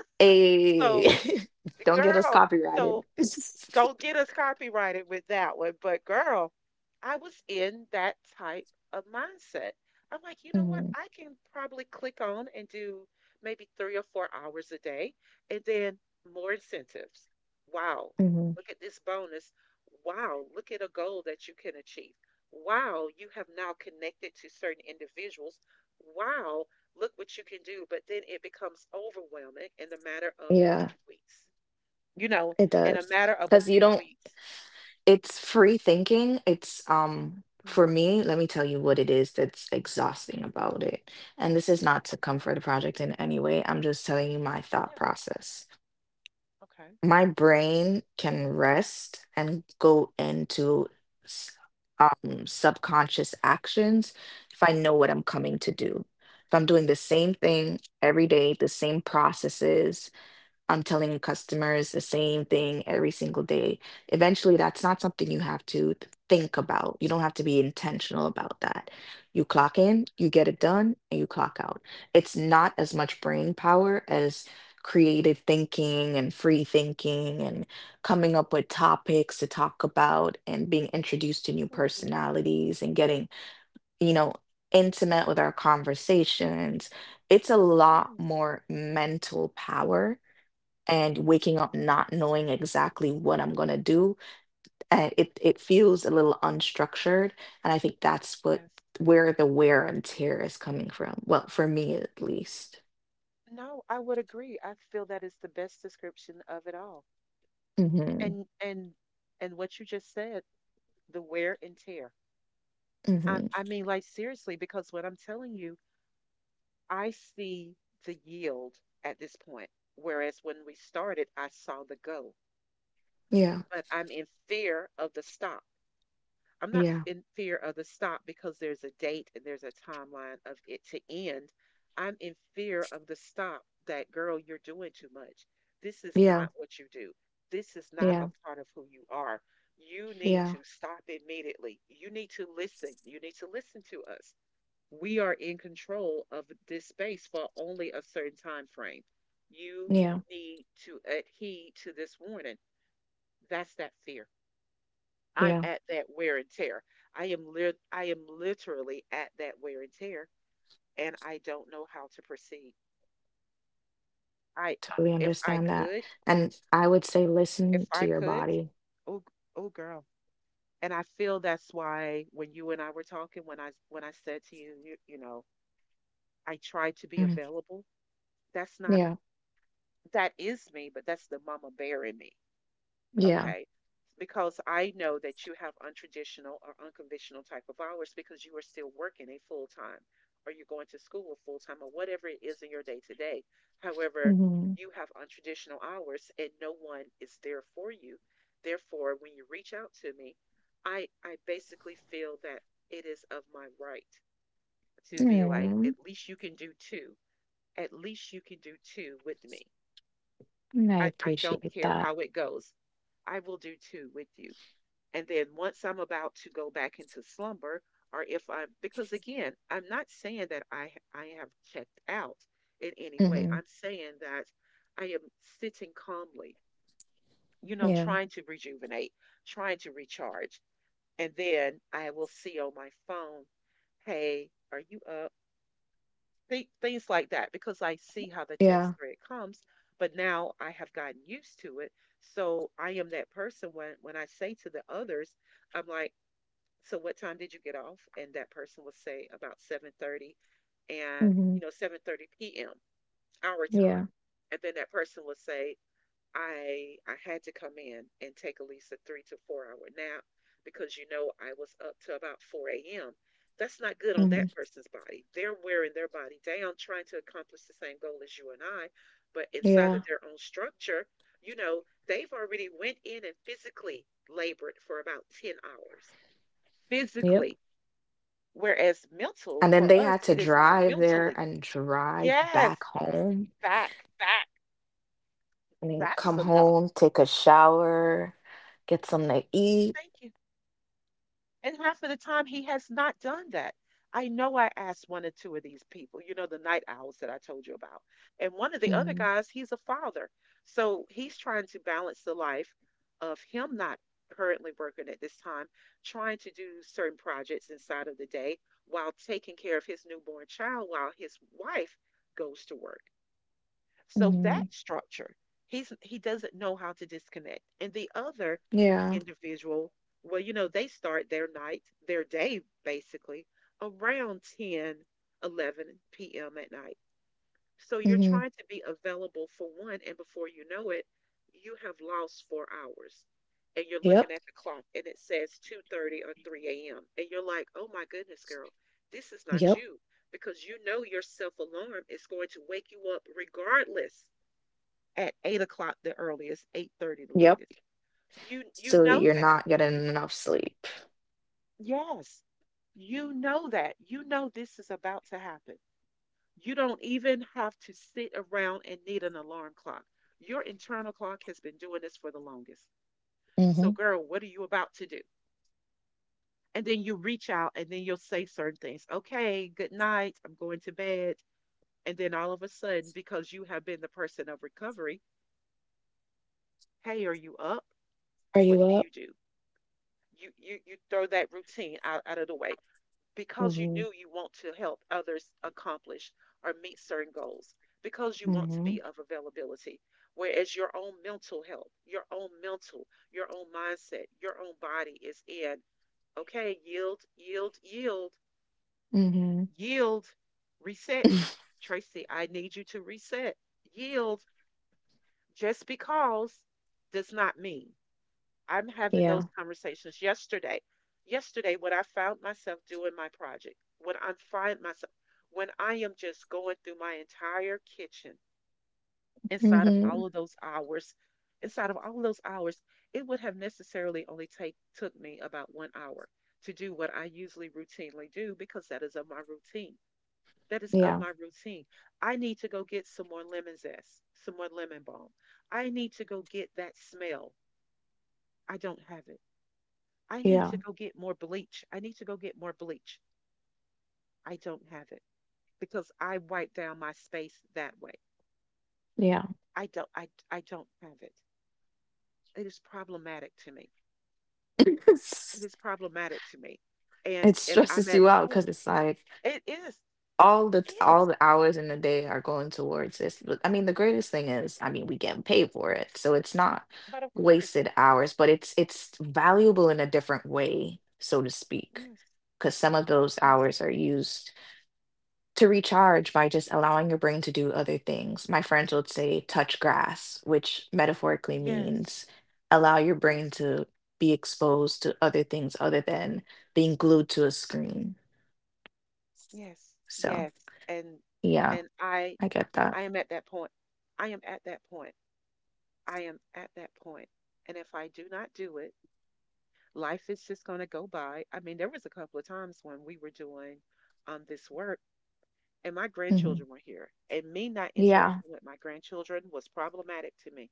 So Hey, don't get us Girl, copyrighted. so don't get us copyrighted with that one, but girl, I was in that type of mindset. I'm like, you know what? Hmm. I can probably click on and do maybe 3 or 4 hours a day and then more incentives. Wow, Hmm. look at this bonus. Wow, look at a goal that you can achieve. Wow, you have now connected to certain individuals. Wow, look what you can do. But then it becomes overwhelming in the matter of a Yeah, few weeks, you know, it in a does. matter of a Because you few don't, weeks. it's free thinking. It's, No. for me, let me tell you what it is that's exhausting about it. And this is not to Okay. comfort the project in any way. I'm just telling you my thought Yeah. process. Okay. My brain can rest and go into s- subconscious actions if I know what I'm coming to do. If I'm doing the same thing every day, the same processes, I'm telling customers the same thing every single day. Eventually, that's not something you have to think about. You don't have to be intentional about that. You clock in, you get it done, and you clock out. It's not as much brain power as creative thinking and free thinking and coming up with topics to talk about and being introduced to new Absolutely. personalities and getting, you know, intimate with our conversations. It's a lot Yes. more mental power and waking up Mhm. not knowing exactly what I'm going to do. It feels a little unstructured, and I think that's what Yes. where the wear and tear is coming from. Well, for me at least. No, I would agree. I feel that is the best description of it all. Mm-hmm. And and and what you just said, the wear and tear. I Mm-hmm. I mean, like seriously, because what I'm telling you, I see the yield at this point. Whereas when we started, I saw the go. Yeah. But I'm in fear of the stop. I'm not Yeah. in fear of the stop because there's a date and there's a timeline of it to end. I'm in fear of the stop that, girl, you're doing too much. This is Yeah. not what you do. This is not a Yeah. part of who you are. You need Yeah. to stop immediately. You need to listen. You need to listen to us. We are in control of this space for only a certain time frame. You Yeah. need to adhere to this warning. That's that fear. I'm Yeah. at that wear and tear. I am literally at that wear and tear and I don't know how to proceed. I Totally if I understand that. could, And I would say if listen to I your could, body. oh oh girl. And I feel that's why when you and I were talking when I said to I try to be Mhm. available. That's not, Yeah. that is me, but that's the mama bear in me. Yeah. Okay. Because I know that you have untraditional or unconventional type of hours because you are still working a full time or you're going to school full time or whatever it is in your day to day. However, Mm-hmm. you have untraditional hours and no one is there for you. Therefore, when you reach out to me, I basically feel that it is of my right to be like, Mm. at least you can do two. At least you can do two with me. And I I don't appreciate care that. how it goes. I will do two with you. And then once I'm about to go back into slumber, or if I'm, because again, I'm not saying that I have checked out in any way. Mm-hmm. I'm saying that I am sitting calmly, Yeah. trying to rejuvenate, trying to recharge. And then I will see on my phone, hey, are you up? Things like that, because I see how the Yeah. text thread comes. But now I have gotten used to it. So I am that person when I say to the others, I'm like, so what time did you get off, and that person would say about 7:30, and Mm-hmm. you know 7:30 p.m. our time, Yeah. and then that person would say I had to come in and take at least a 3 to 4 hour nap because I was up to about 4 a.m. That's not good on Mm-hmm. that person's body. They're wearing their body down trying to accomplish the same goal as you and I, but inside Yeah. of their own structure, you know they've already went in and physically labored for about 10 hours, Yep. physically. Whereas mental, And then for they us, had to it is more drive there mentally. and drive back Yes, home. back. Back. I mean, That's come enough. home, take a shower, get something to eat. Thank you. And half of the time, he has not done that. I know I asked one or two of these people, the night owls that I told you about. And one of the other Hmm. guys, he's a father. So he's trying to balance the life of him not currently working at this time, trying to do certain projects inside of the day while taking care of his newborn child while his wife goes to work. So Hmm. that structure, he doesn't know how to disconnect. And the other Yeah. individual, well, they start their night, their day basically around 10, 11 p.m. at night. So you're Hmm. trying to be available for one, and before you know it, you have lost 4 hours. And you're looking Yep. at the clock and it says 2:30 or 3 a.m. And you're like, "Oh my goodness, girl, this is not Yep. you." Because you know your self-alarm is going to wake you up regardless at 8 o'clock, the earliest, 8:30 the Yep. latest. You So know you're that. not getting enough sleep. Yes. You know that. You know this is about to happen. You don't even have to sit around and need an alarm clock. Your internal clock has been doing this for the longest. Hmm. So, girl, what are you about to do? And then you reach out and then you'll say certain things. Okay, good night. I'm going to bed. And then all of a sudden, because you have been the person of recovery, hey, are you up? Are What you do up? you do? You throw that routine out of the way because you Hmm. knew you want to help others accomplish or meet certain goals because you want to Hmm. be of availability, whereas your own mental health, your own mindset, your own body is in, okay, yield, yield, yield, Hmm. yield, reset. Tracy, I need you to reset. Yield. Just because does not mean. I'm having Yeah. those conversations yesterday. Yesterday, what I found myself doing my project, what I'm find myself, when I am just going through my entire kitchen inside of Hmm. all of those hours, inside of all of those hours, it would have necessarily only take took me about 1 hour to do what I usually routinely do because that is of my routine. That is of Yeah. my routine. I need to go get some more lemon zest, some more lemon balm. I need to go get that smell. I don't have it. I need Yeah. to go get more bleach. I need to go get more bleach. I don't have it because I wipe down my space that way. Yeah. I don't have it. It is problematic to me. It is problematic to me. And It and I'm stresses at you the out because point. it's like It is. all It the all is. the hours in the day are going towards this. But I mean, the greatest thing is, I mean, we get paid for it, so it's not But of course. wasted hours, but it's valuable in a different way, so to speak, Yes. because some of those Yes. hours are used to recharge by just allowing your brain to do other things. My friends would say touch grass, which metaphorically Yes. means allow your brain Yes. to be exposed to other things other than being glued to a screen. Yes. So, Yes. And yeah, and I I get that. I am at that point. I am at that point. I am at that point. And if I do not do it, life is just going to go by. I mean, there was a couple of times when we were doing this work and my Mm-hmm. grandchildren were here, and me not Yeah. interacting with my grandchildren was problematic to me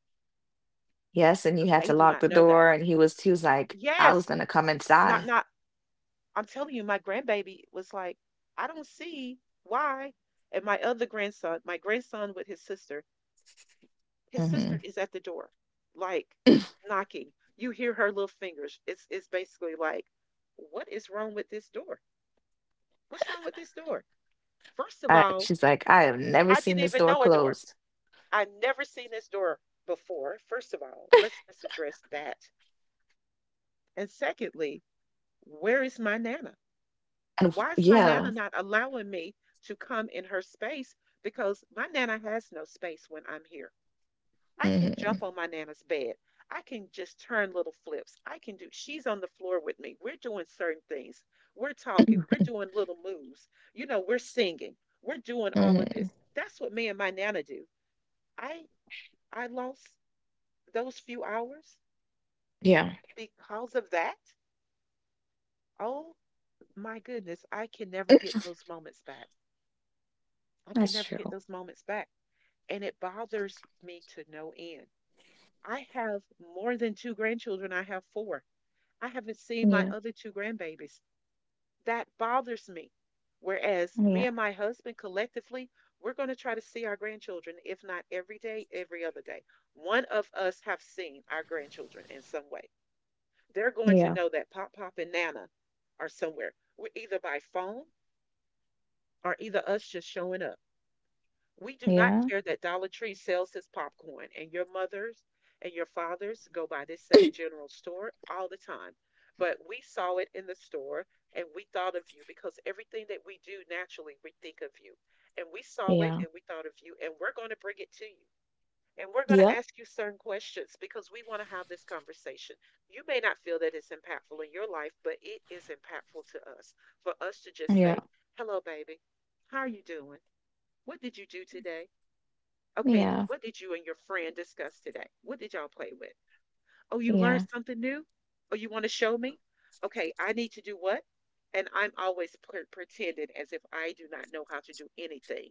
Yes, and you because had to they do lock not the know that. door, and he was like, "I was Yes, gonna come not inside." not. I'm telling you, my grandbaby was like, I don't see why. And my other grandson, my grandson with his sister Mhm. is at the door, like knocking. You hear her little fingers. It's basically like, what is wrong with this door? What's wrong with this door? First of I all, she's like, "I have never I seen didn't this even door know a door. closed." I never seen this door before. First of all, let's address that. And secondly, where is my nana? And Why is my nana yeah. not allowing me to come in her space? Because my nana has no space when I'm here. I can jump Mhm. on my nana's bed. I can just turn little flips. I can do, she's on the floor with me. We're doing certain things. We're talking. We're doing little moves. You know, we're singing. We're doing all of Mhm. this. That's what me and my nana do. I I lost those few hours Yeah. because of that. Oh my goodness, I can never get those moments back. I can That's never get true. those moments back. And it bothers me to no end. I have more than two grandchildren, I have four. I haven't seen my Yeah. other two grandbabies. That bothers me. Whereas me Yeah. and my husband collectively, we're going to try to see our grandchildren, if not every day, every other day. One of us have seen our grandchildren in some way. They're going to Yeah. know that Pop Pop and Nana are somewhere. We are either by phone or either us just showing up. We do not Yeah. care that Dollar Tree sells his popcorn, and your mothers and your fathers go by this same general store all the time. But we saw it in the store and we thought of you because everything that we do naturally, we think of you. And we saw it Yeah. and we thought of you, and we're going to bring it to you. And we're going to Yep. ask you certain questions because we want to have this conversation. You may not feel that it's impactful in your life, but it is impactful to us for us to just Yeah. say, Hello, baby. How are you doing? What did you do today? Okay, Yeah. what did you and your friend discuss today? What did y'all play with? Oh, you learned Yeah. something new? Oh, you want to show me? Okay, I need to do what? And I'm always pretending as if I do not know how to do anything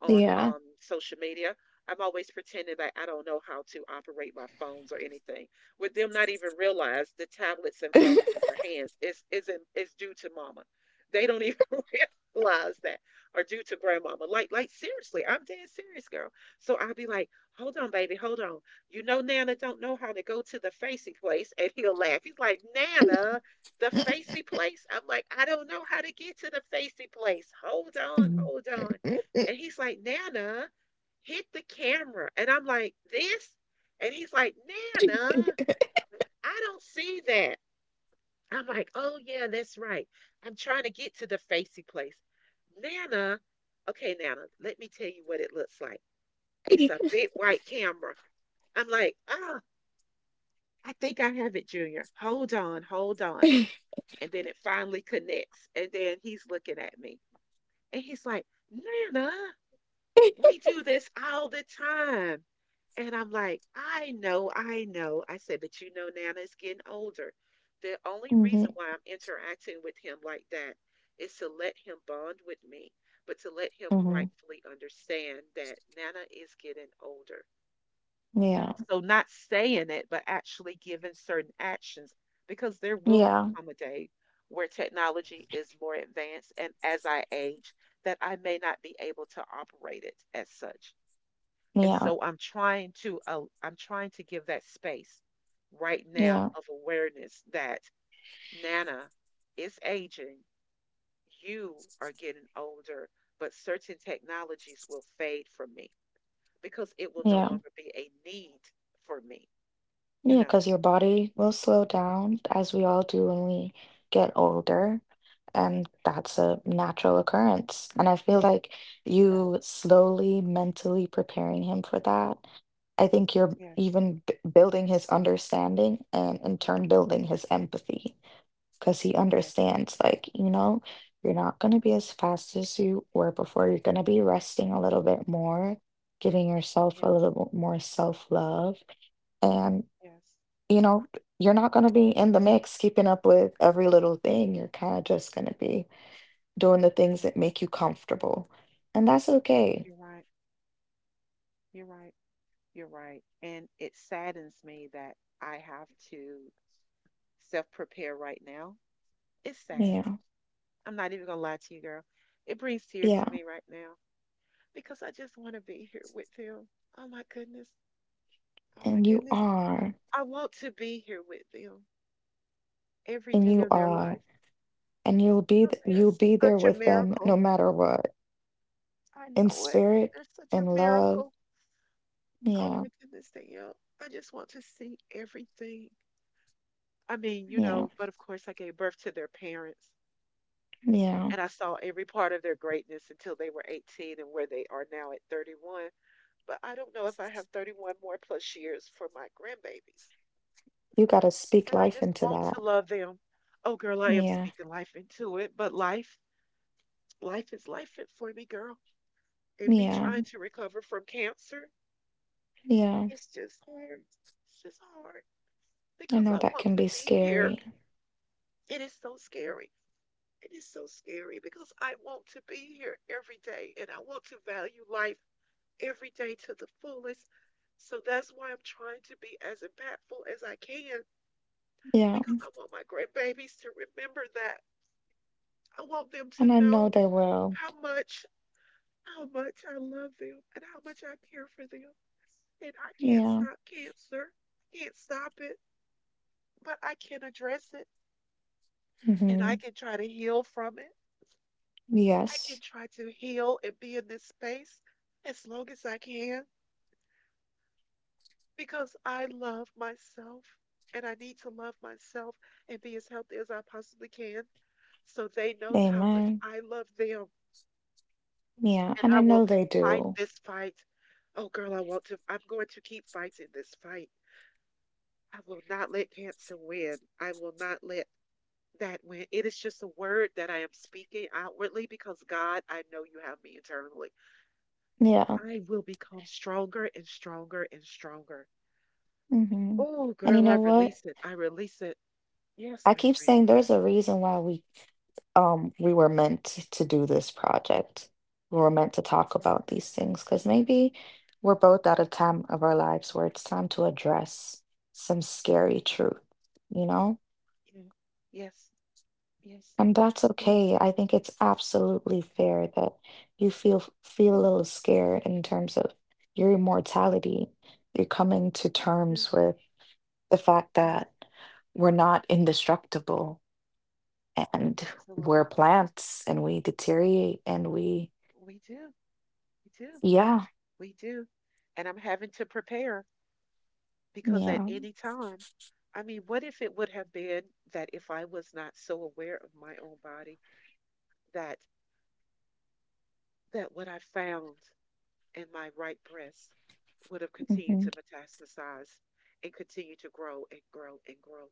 on Yeah. Social media. I'm always pretending that I don't know how to operate my phones or anything. With them not even realize the tablets and phones in their hands is isn't is due to mama. They don't even realize that or due to grandmama. Like seriously, I'm dead serious, girl. So I'll be like, hold on, baby, hold on. You know Nana don't know how to go to the facey place. And he'll laugh. He's like, Nana, the facey place? I'm like, I don't know how to get to the facey place. Hold on, Mhm. hold on. And he's like, Nana, hit the camera. And I'm like, this? And he's like, Nana, I don't see that. I'm like, oh, yeah, that's right. I'm trying to get to the facey place. Nana, okay, Nana, let me tell you what it looks like. It's a big white camera. I'm like, oh, I think I have it, Junior. Hold on, hold on. And then it finally connects. And then he's looking at me. And he's like, Nana. We do this all the time. And I'm like, I know, I know. I said, but you know, Nana is getting older. The only Mhm. reason why I'm interacting with him like that is to let him bond with me, but to let him Mhm. rightfully understand that Nana is getting older. Yeah. So, not saying it, but actually giving certain actions, because there will Yeah. come a day where technology is more advanced. And as I age, that I may not be able to operate it as such, and Yeah. so I'm trying to give that space right now Yeah. of awareness that Nana is aging, you are getting older, but certain technologies will fade from me because it will no Yeah. longer be a need for me you Yeah, know because your body will slow down as we all do when we get older. And that's a natural occurrence. And I feel like Okay. you slowly mentally preparing him for that. I think you're Yes. even b building his understanding and in turn building his empathy because he Yes. understands, like, you know, you're not going to be as fast as you were before. You're going to be resting a little bit more, giving yourself a Yes. little bit more self-love. And Yes. you know, you're not going to be in the Yes. mix keeping up with every little thing. You're kind of just going to be doing the things Yeah. that make you comfortable. And that's okay. You're right. You're right. You're right, and it saddens me that I have to self prepare right now. It's sad. Yeah. I'm not even gonna lie to you, girl. It brings tears Yeah. to me right now because I just want to be here with them. Oh my goodness. Oh my And you goodness. are. I want to be here with them every And day you of their are. life And you'll be because they are you'll be there such a with them no miracle. matter what. I In know it. spirit They're such a and love. miracle. Oh Yeah. my goodness, Danielle. I just want to see everything. I mean, you Yeah. know, but of course, I gave birth to their parents Yeah. and I saw every part of their greatness until they were 18 and where they are now at 31. But I don't know if I have 31 more plus years for my grandbabies. You got to speak And I life just into want to that. love them. Oh, girl, I am Yeah. speaking life into it, but life is life for me, girl. And me Yeah. trying to recover from cancer, Yeah. it's just hard. It's just hard I because know I that want can to be be here. scary. It is so scary. It is so scary because I want to be here every day and I want to value life every day to the fullest. So that's why I'm trying to be as impactful as I can Yeah. because I want my grandbabies to remember that. I want them to And I know know they will. how much, how much I love them and how much I care for them. And I can't Yeah. stop cancer. I can't stop it, but I can address it and I Hmm. can try to heal from it. I can Yes. try to heal and be in this space as long as I can because I love myself and I need to love myself and be as healthy as I possibly can so they know how much Amen. I love them. Yeah, And and I I know want to they fight do. this fight. Oh, girl, I want to. I'm going to keep fighting this fight. I will not let cancer win. I will not let that win. It is just a word that I am speaking outwardly because, God, I know you have me internally. Yeah. I will become stronger and stronger and stronger. Hmm. Oh, And you girl, I know what? release it. I release it. Yes, I my keep friend. saying there's a reason why we were meant to do this project. We were meant to talk Okay. about these things because maybe we're both at a time of our lives where it's time to address some scary truth, you know? Yeah. Yes. Yes. And that's Yes. okay. I think it's absolutely fair that you feel a Oh, little scared in terms of your immortality. You're coming to yeah, terms with the fact yes. that we're not indestructible and we're Absolutely. plants and we deteriorate and we We do. We do. yeah, We do. And I'm having to prepare because at yeah. any time, I mean, what if it would have been that if I was not so aware of my own body, that what I found in my right breast would have continued Hmm. to metastasize and continue to grow and grow and grow.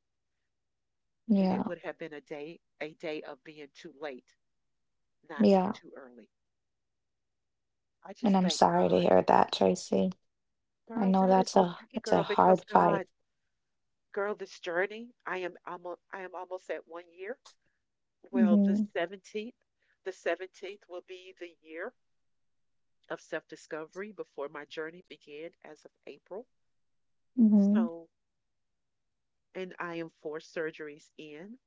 And it Yeah. would have been a day of being too late, not Yeah. too early. I And just I'm thank sorry to God. hear that, Tracy. I Girl, know that is okay, that's a girl, hard because fight. God, girl, this journey, I am almost at one year. Well, the Hmm. 17th, the 17th will be the year of self-discovery before my journey began as of April. Hmm. So, and I am four surgeries in.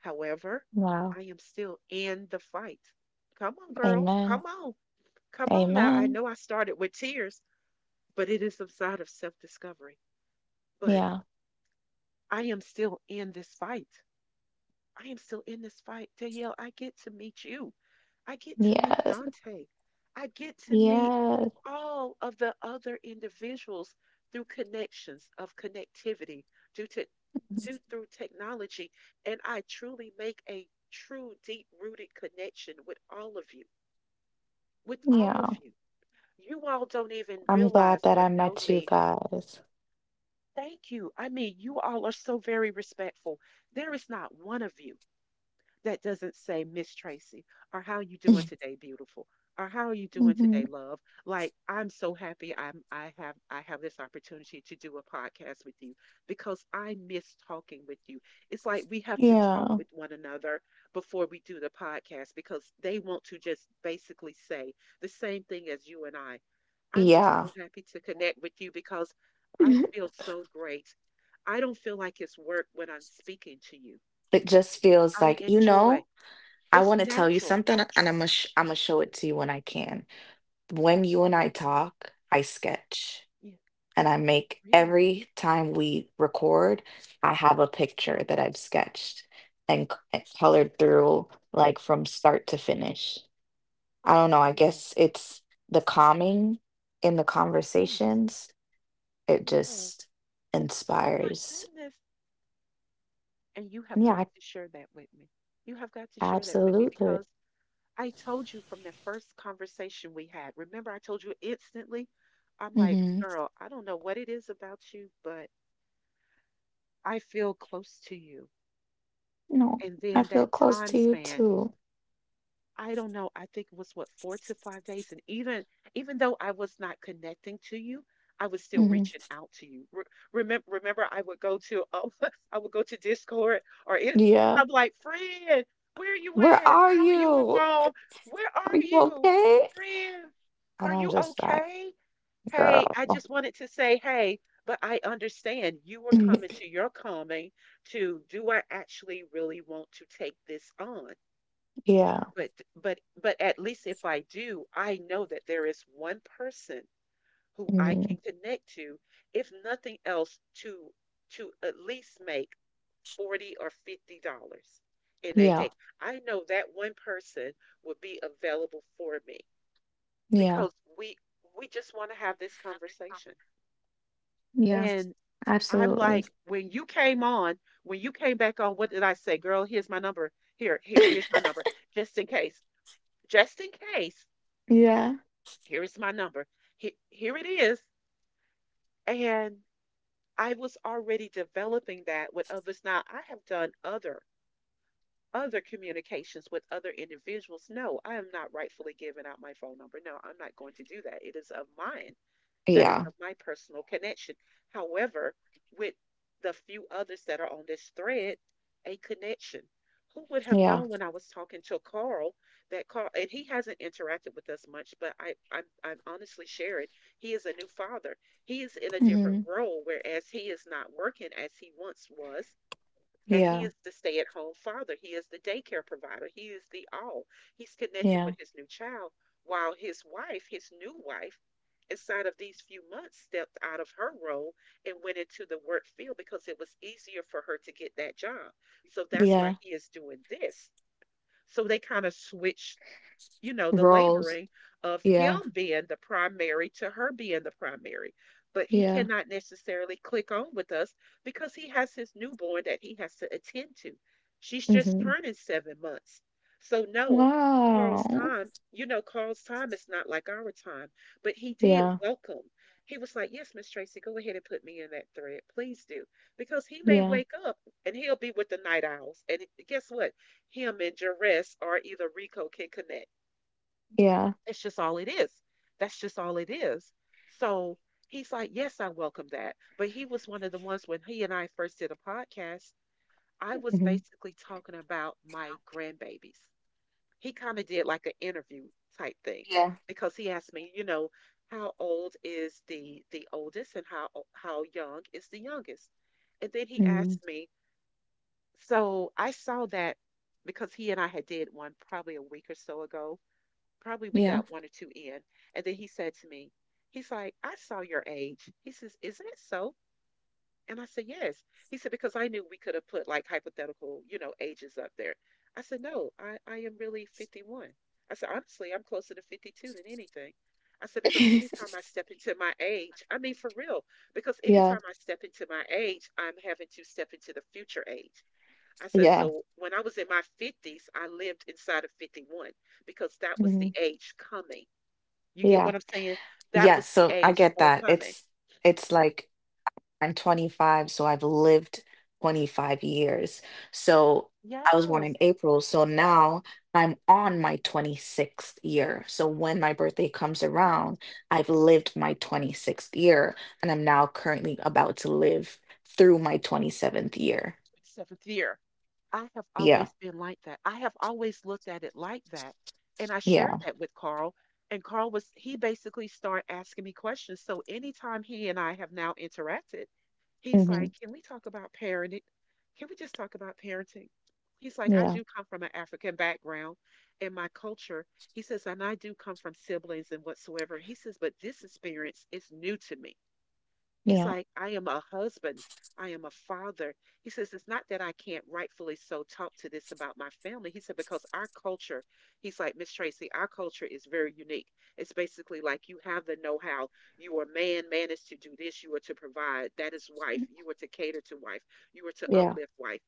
However, Wow. I am still in the fight. Come on, girl. Amen. Come on. Come on now. I Amen. know I started with tears, but it is a side of self-discovery. But Yeah. I am still in this fight. I am still in this fight. Danielle, I get to meet you. I get to meet Yes. Dante. I get to meet Yes. all of the other individuals through connections of connectivity due to due through technology, and I truly make a true deep rooted connection with all of you, with all of Yeah. you. You all don't even I'm glad realize that or I know met you me. guys. Thank you. I mean, you all are so very respectful. There is not one of you that doesn't say Miss Tracy, or how you doing today, beautiful, or how are you doing Hmm. today, love. Like I'm so happy I'm I have this opportunity to do a podcast with you because I miss talking with you. It's like we have to talk Yeah. with one another before we do the podcast because they want to just basically say the same thing as you and I. I'm just Yeah. so happy to connect with you because I Mhm. feel so great. I don't feel like it's work when I'm speaking to you. It just feels I like, you know, enjoy I it's want to tell you natural. something and I'm gonna I'm gonna show it to you when I can. When you and I Okay. talk, I sketch Yeah. and I make Really? every time we record, I have a picture Uh-huh. that I've sketched and and colored through like from start to finish. I don't know. I Wow. guess it's the calming in the Yes. conversations. It Yes. just Oh my inspires. goodness. And you have Yeah, got to share that with me. You have got to share that with me absolutely. because I told you from the first conversation we had. Remember, I told you instantly, I'm like, Mm-hmm. girl, I don't know what it is about you, but I feel close to you. No, And I then that feel close time to you span, too. I don't know. I think it was what, 4 to 5 days, and even though I was not connecting to you, I was still Hmm. reaching out to you. Remember, I would go to oh, I would go to Discord or Yeah. I'm like, friend, where are you Where at? are How are you you? involved? Where Are are you you, okay? friend? And Are I'm you just like, okay? girl. Hey, I just wanted to say hey, but I understand you were coming to your calming to do I actually really want to take this on? Yeah. But but at least if I do, I know that there is one person who I Hmm. can connect to, if nothing else, to at least make 40 or $50 in a Yeah. day. I know that one person would be available for me Yeah. because we we just want to have this conversation. Yeah. And I'm Absolutely. like, when you came back on, what did I say? Girl, here's my number. Here's my number. Just in case. Just in case Yeah. here is my number. Here it is. And I was already developing that with others. Now I have done other communications with other individuals. No, I am not rightfully giving out my phone number. No, I'm not going to do that. It is of mine. That is Yeah. of my personal connection. However, with the few others that are on this thread, a connection. Who would have Yeah. known when I was talking to Carl that Carl, and he hasn't interacted with us much, but I'm honestly sharing, he is a new father. He is in a different Hmm. role, whereas he is not working as he once was. And he Yeah. is the stay at home father. He is the daycare provider. He is the all. He's connecting Yeah. with his new child while his wife, his new wife, inside of these few months stepped out of her role and went into the work field because it was easier for her to get that job. So that's why Yeah. he is doing this. So they kind of switch the Roles. laboring of Yeah, him being the primary to her being the primary. But he yeah, cannot necessarily click on with us because he has his newborn that he has to attend to. She's just mhm. turning 7 months. So, no, Carl's Wow. time, Carl's time is not like our time, but he did Yeah, welcome. He was like, Yes, Miss Tracy, go ahead and put me in that thread. Please do. Because he may yeah, wake up and he'll be with the night owls. And guess what? Him and Jerez or either Rico can connect. yeah, It's just all it is. That's just all it is. So he's like, Yes, I welcome that. But he was one of the ones when he and I first did a podcast, I was mhm, basically talking about my grandbabies. He kind of did like an interview type thing yeah, because he asked me, how old is the oldest and how young is the youngest? And then he mhm, asked me, so I saw that because he and I had did one probably a week or so ago. Probably we yeah. got one or two in. And then he said to me, he's like, I saw your age. He says, isn't it so? And I said, Yes. He said, because I knew we could have put like hypothetical, ages up there. I said, No, I am really 51. I said, honestly, I'm closer to 52 than anything. I said, because anytime I step into my age, I mean, for real, because Yeah, anytime I step into my age, I'm having to step into the future age. I said, yeah, so when I was in my 50s, I lived inside of 51 because that was the mhm, age coming. You get yeah. what I'm saying? That Yeah, was the so I age get for that. coming. It's like I'm 25, so I've lived 25 years. So I was born in Yes. April, so now I'm on my 26th year. So when my birthday comes around, I've lived my 26th year, and I'm now currently about to live through my 27th year. Seventh year. I have Yeah, always been like that. I have always looked at it like that. And I yeah, shared that with Carl. And Carl was, he basically started asking me questions. So anytime he and I have now interacted, he's hmm like, can we talk about parenting? Can we just talk about parenting? He's like, I yeah, do come from an African background and my culture. He says, and I do come from siblings and whatsoever. He says, but this experience is new to me. He's yeah, like, I am a husband. I am a father. He says, it's not that I can't rightfully so talk to this about my family. He said, because our culture, he's like, Miss Tracy, our culture is very unique. It's basically like you have the know how. You are man, man is to do this. You are to provide. That is wife. You are to cater to wife. You are to yeah, uplift wife.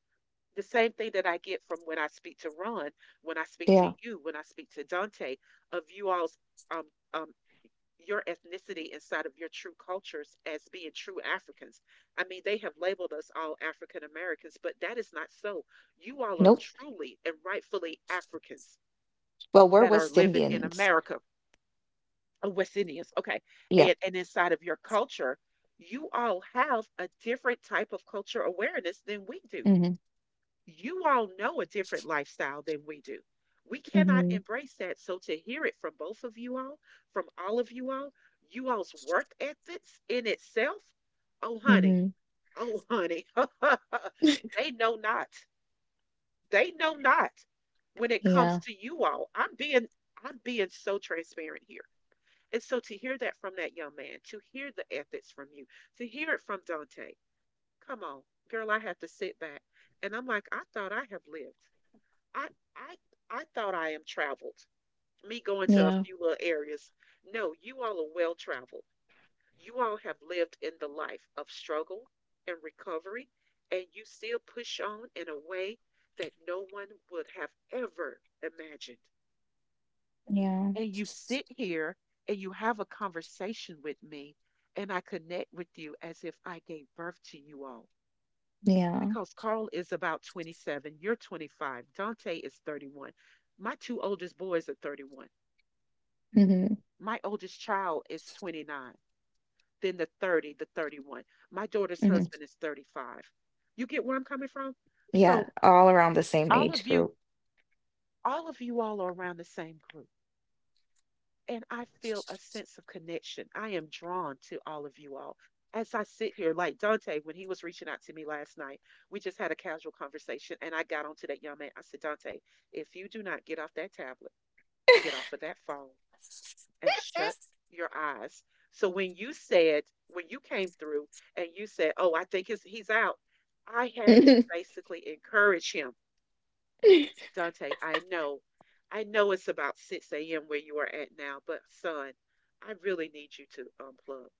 The same thing that I get from when I speak to Ron, when I speak to yeah. you, when I speak to Dante, of you all's um, um, your ethnicity inside of your true cultures as being true Africans. I mean, they have labeled us all African Americans, but that is not so. You all are Nope. truly and rightfully Africans Well, we're that are West living in Indians. America, or West Indians, okay? Yeah. And inside of your culture, you all have a different type of culture awareness than we do. Hmm. You all know a different lifestyle than we do. We cannot Hmm. embrace that. So to hear it from both of you all, from all of you all, you all's work ethics in itself, oh honey, Hmm. oh honey, they know not. They know not when it comes Yeah. to you all. I'm being so transparent here. And so to hear that from that young man, to hear the ethics from you, to hear it from Dante, come on, girl, I have to sit back. And I'm like, I thought I have lived. I I I thought I am traveled. Me going to a Yeah. few little areas. No, you all are well traveled. You all have lived in the life of struggle and recovery, and you still push on in a way that no one would have ever imagined. Yeah. And you sit here and you have a conversation with me, and I connect with you as if I gave birth to you all. Yeah. Because Carl is about 27, you're 25, Dante is 31. My two oldest boys are 31. Hmm. My oldest child is 29, then the 30, the 31. My daughter's Hmm. husband is 35. You get where I'm coming from? Yeah, So all around the same all age of you, group. all of you all are around the same group. And I feel a sense of connection. I am drawn to all of you all. As I sit here, like Dante, when he was reaching out to me last night, we just had a casual conversation, and I got onto that young man. I said, Dante, if you do not get off that tablet, get off of that phone, and shut your eyes. So when you said, when you came through and you said, oh, I think he's out, I had to basically encourage him. Dante, I know it's about 6 a.m. where you are at now, but son, I really need you to unplug.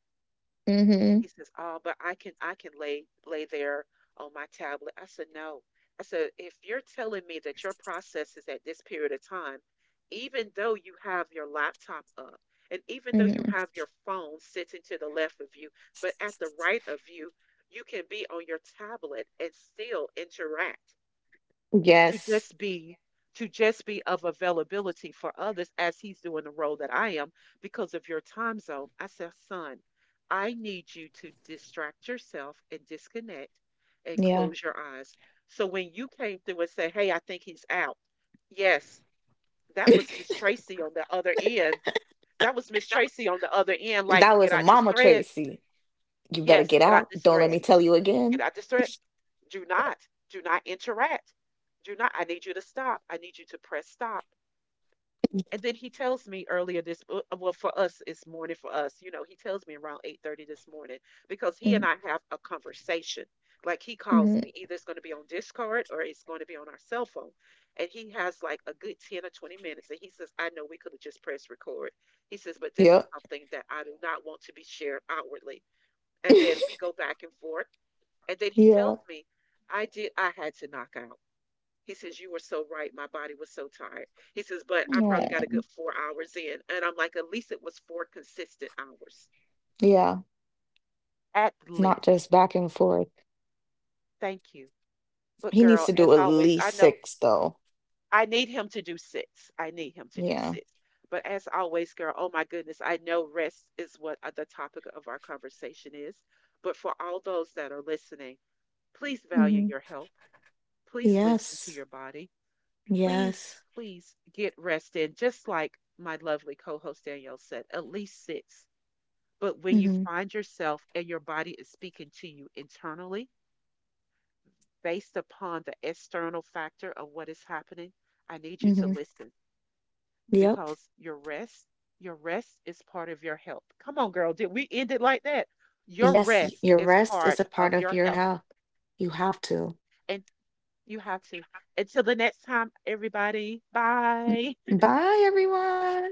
And Hmm. he says, oh, but I can lay there on my tablet. I said, No. I said, if you're telling me that your process is at this period of time, even though you have your laptop up and even though you Hmm. have your phone sitting to the left of you, but at the right of you, you can be on your tablet and still interact to Yes. just be to just be of availability for others as he's doing the role that I am because of your time zone. I said, son, I need you to distract yourself and disconnect and Yeah. close your eyes. So when you came through and said, hey, I think he's out. Yes, that was Miss Tracy on the other end. That was Miss Tracy on the other end, like, That get was a out this Mama thread. Tracy. You better Yes, get get out. out this Don't let thread. me tell you Get again. out this thread. Do not, do not interact. Do not, I need you to stop. I need you to press stop. And then he tells me earlier this, well, for us, it's morning for us. He tells me around 8:30 this morning because he and I have a conversation. Like he calls Mm-hmm. me, either it's going to be on Discord or it's going to be on our cell phone. And he has like a good 10 or 20 minutes. And he says, I know we could have just pressed record. He says, but this is Yep. something that I do not want to be shared outwardly, and then we Yeah. go back and forth. And then he tells No. me, I did, I had to knock out. He says, you were so right. My body was so tired. He says, but I probably got a good 4 hours in. And I'm like, at least it was 4 consistent hours. Yeah. At It's not least. just back and forth. Thank you. But He needs girl, to do as at always, I least know six, though. I need him to do six. I need him to do Yeah. six. But as always, girl, oh my goodness, I know rest is what the topic of our conversation is. But for all those that are listening, please value Hmm. your health. Please listen to Yes. your body. Please, Yes. please get rest in, just like my lovely co host Danielle said, at least six. But when you Hmm. find yourself and your body is speaking to you internally, based upon the external factor of what is happening, I need you to Hmm. listen Yep. because your rest is part of your health. Come on, girl. Did we end it like that? Your Yes, rest your is rest part is a part of of your your health. health. You have to. And you have to. Until the next time, everybody, Mm. bye. Bye, everyone.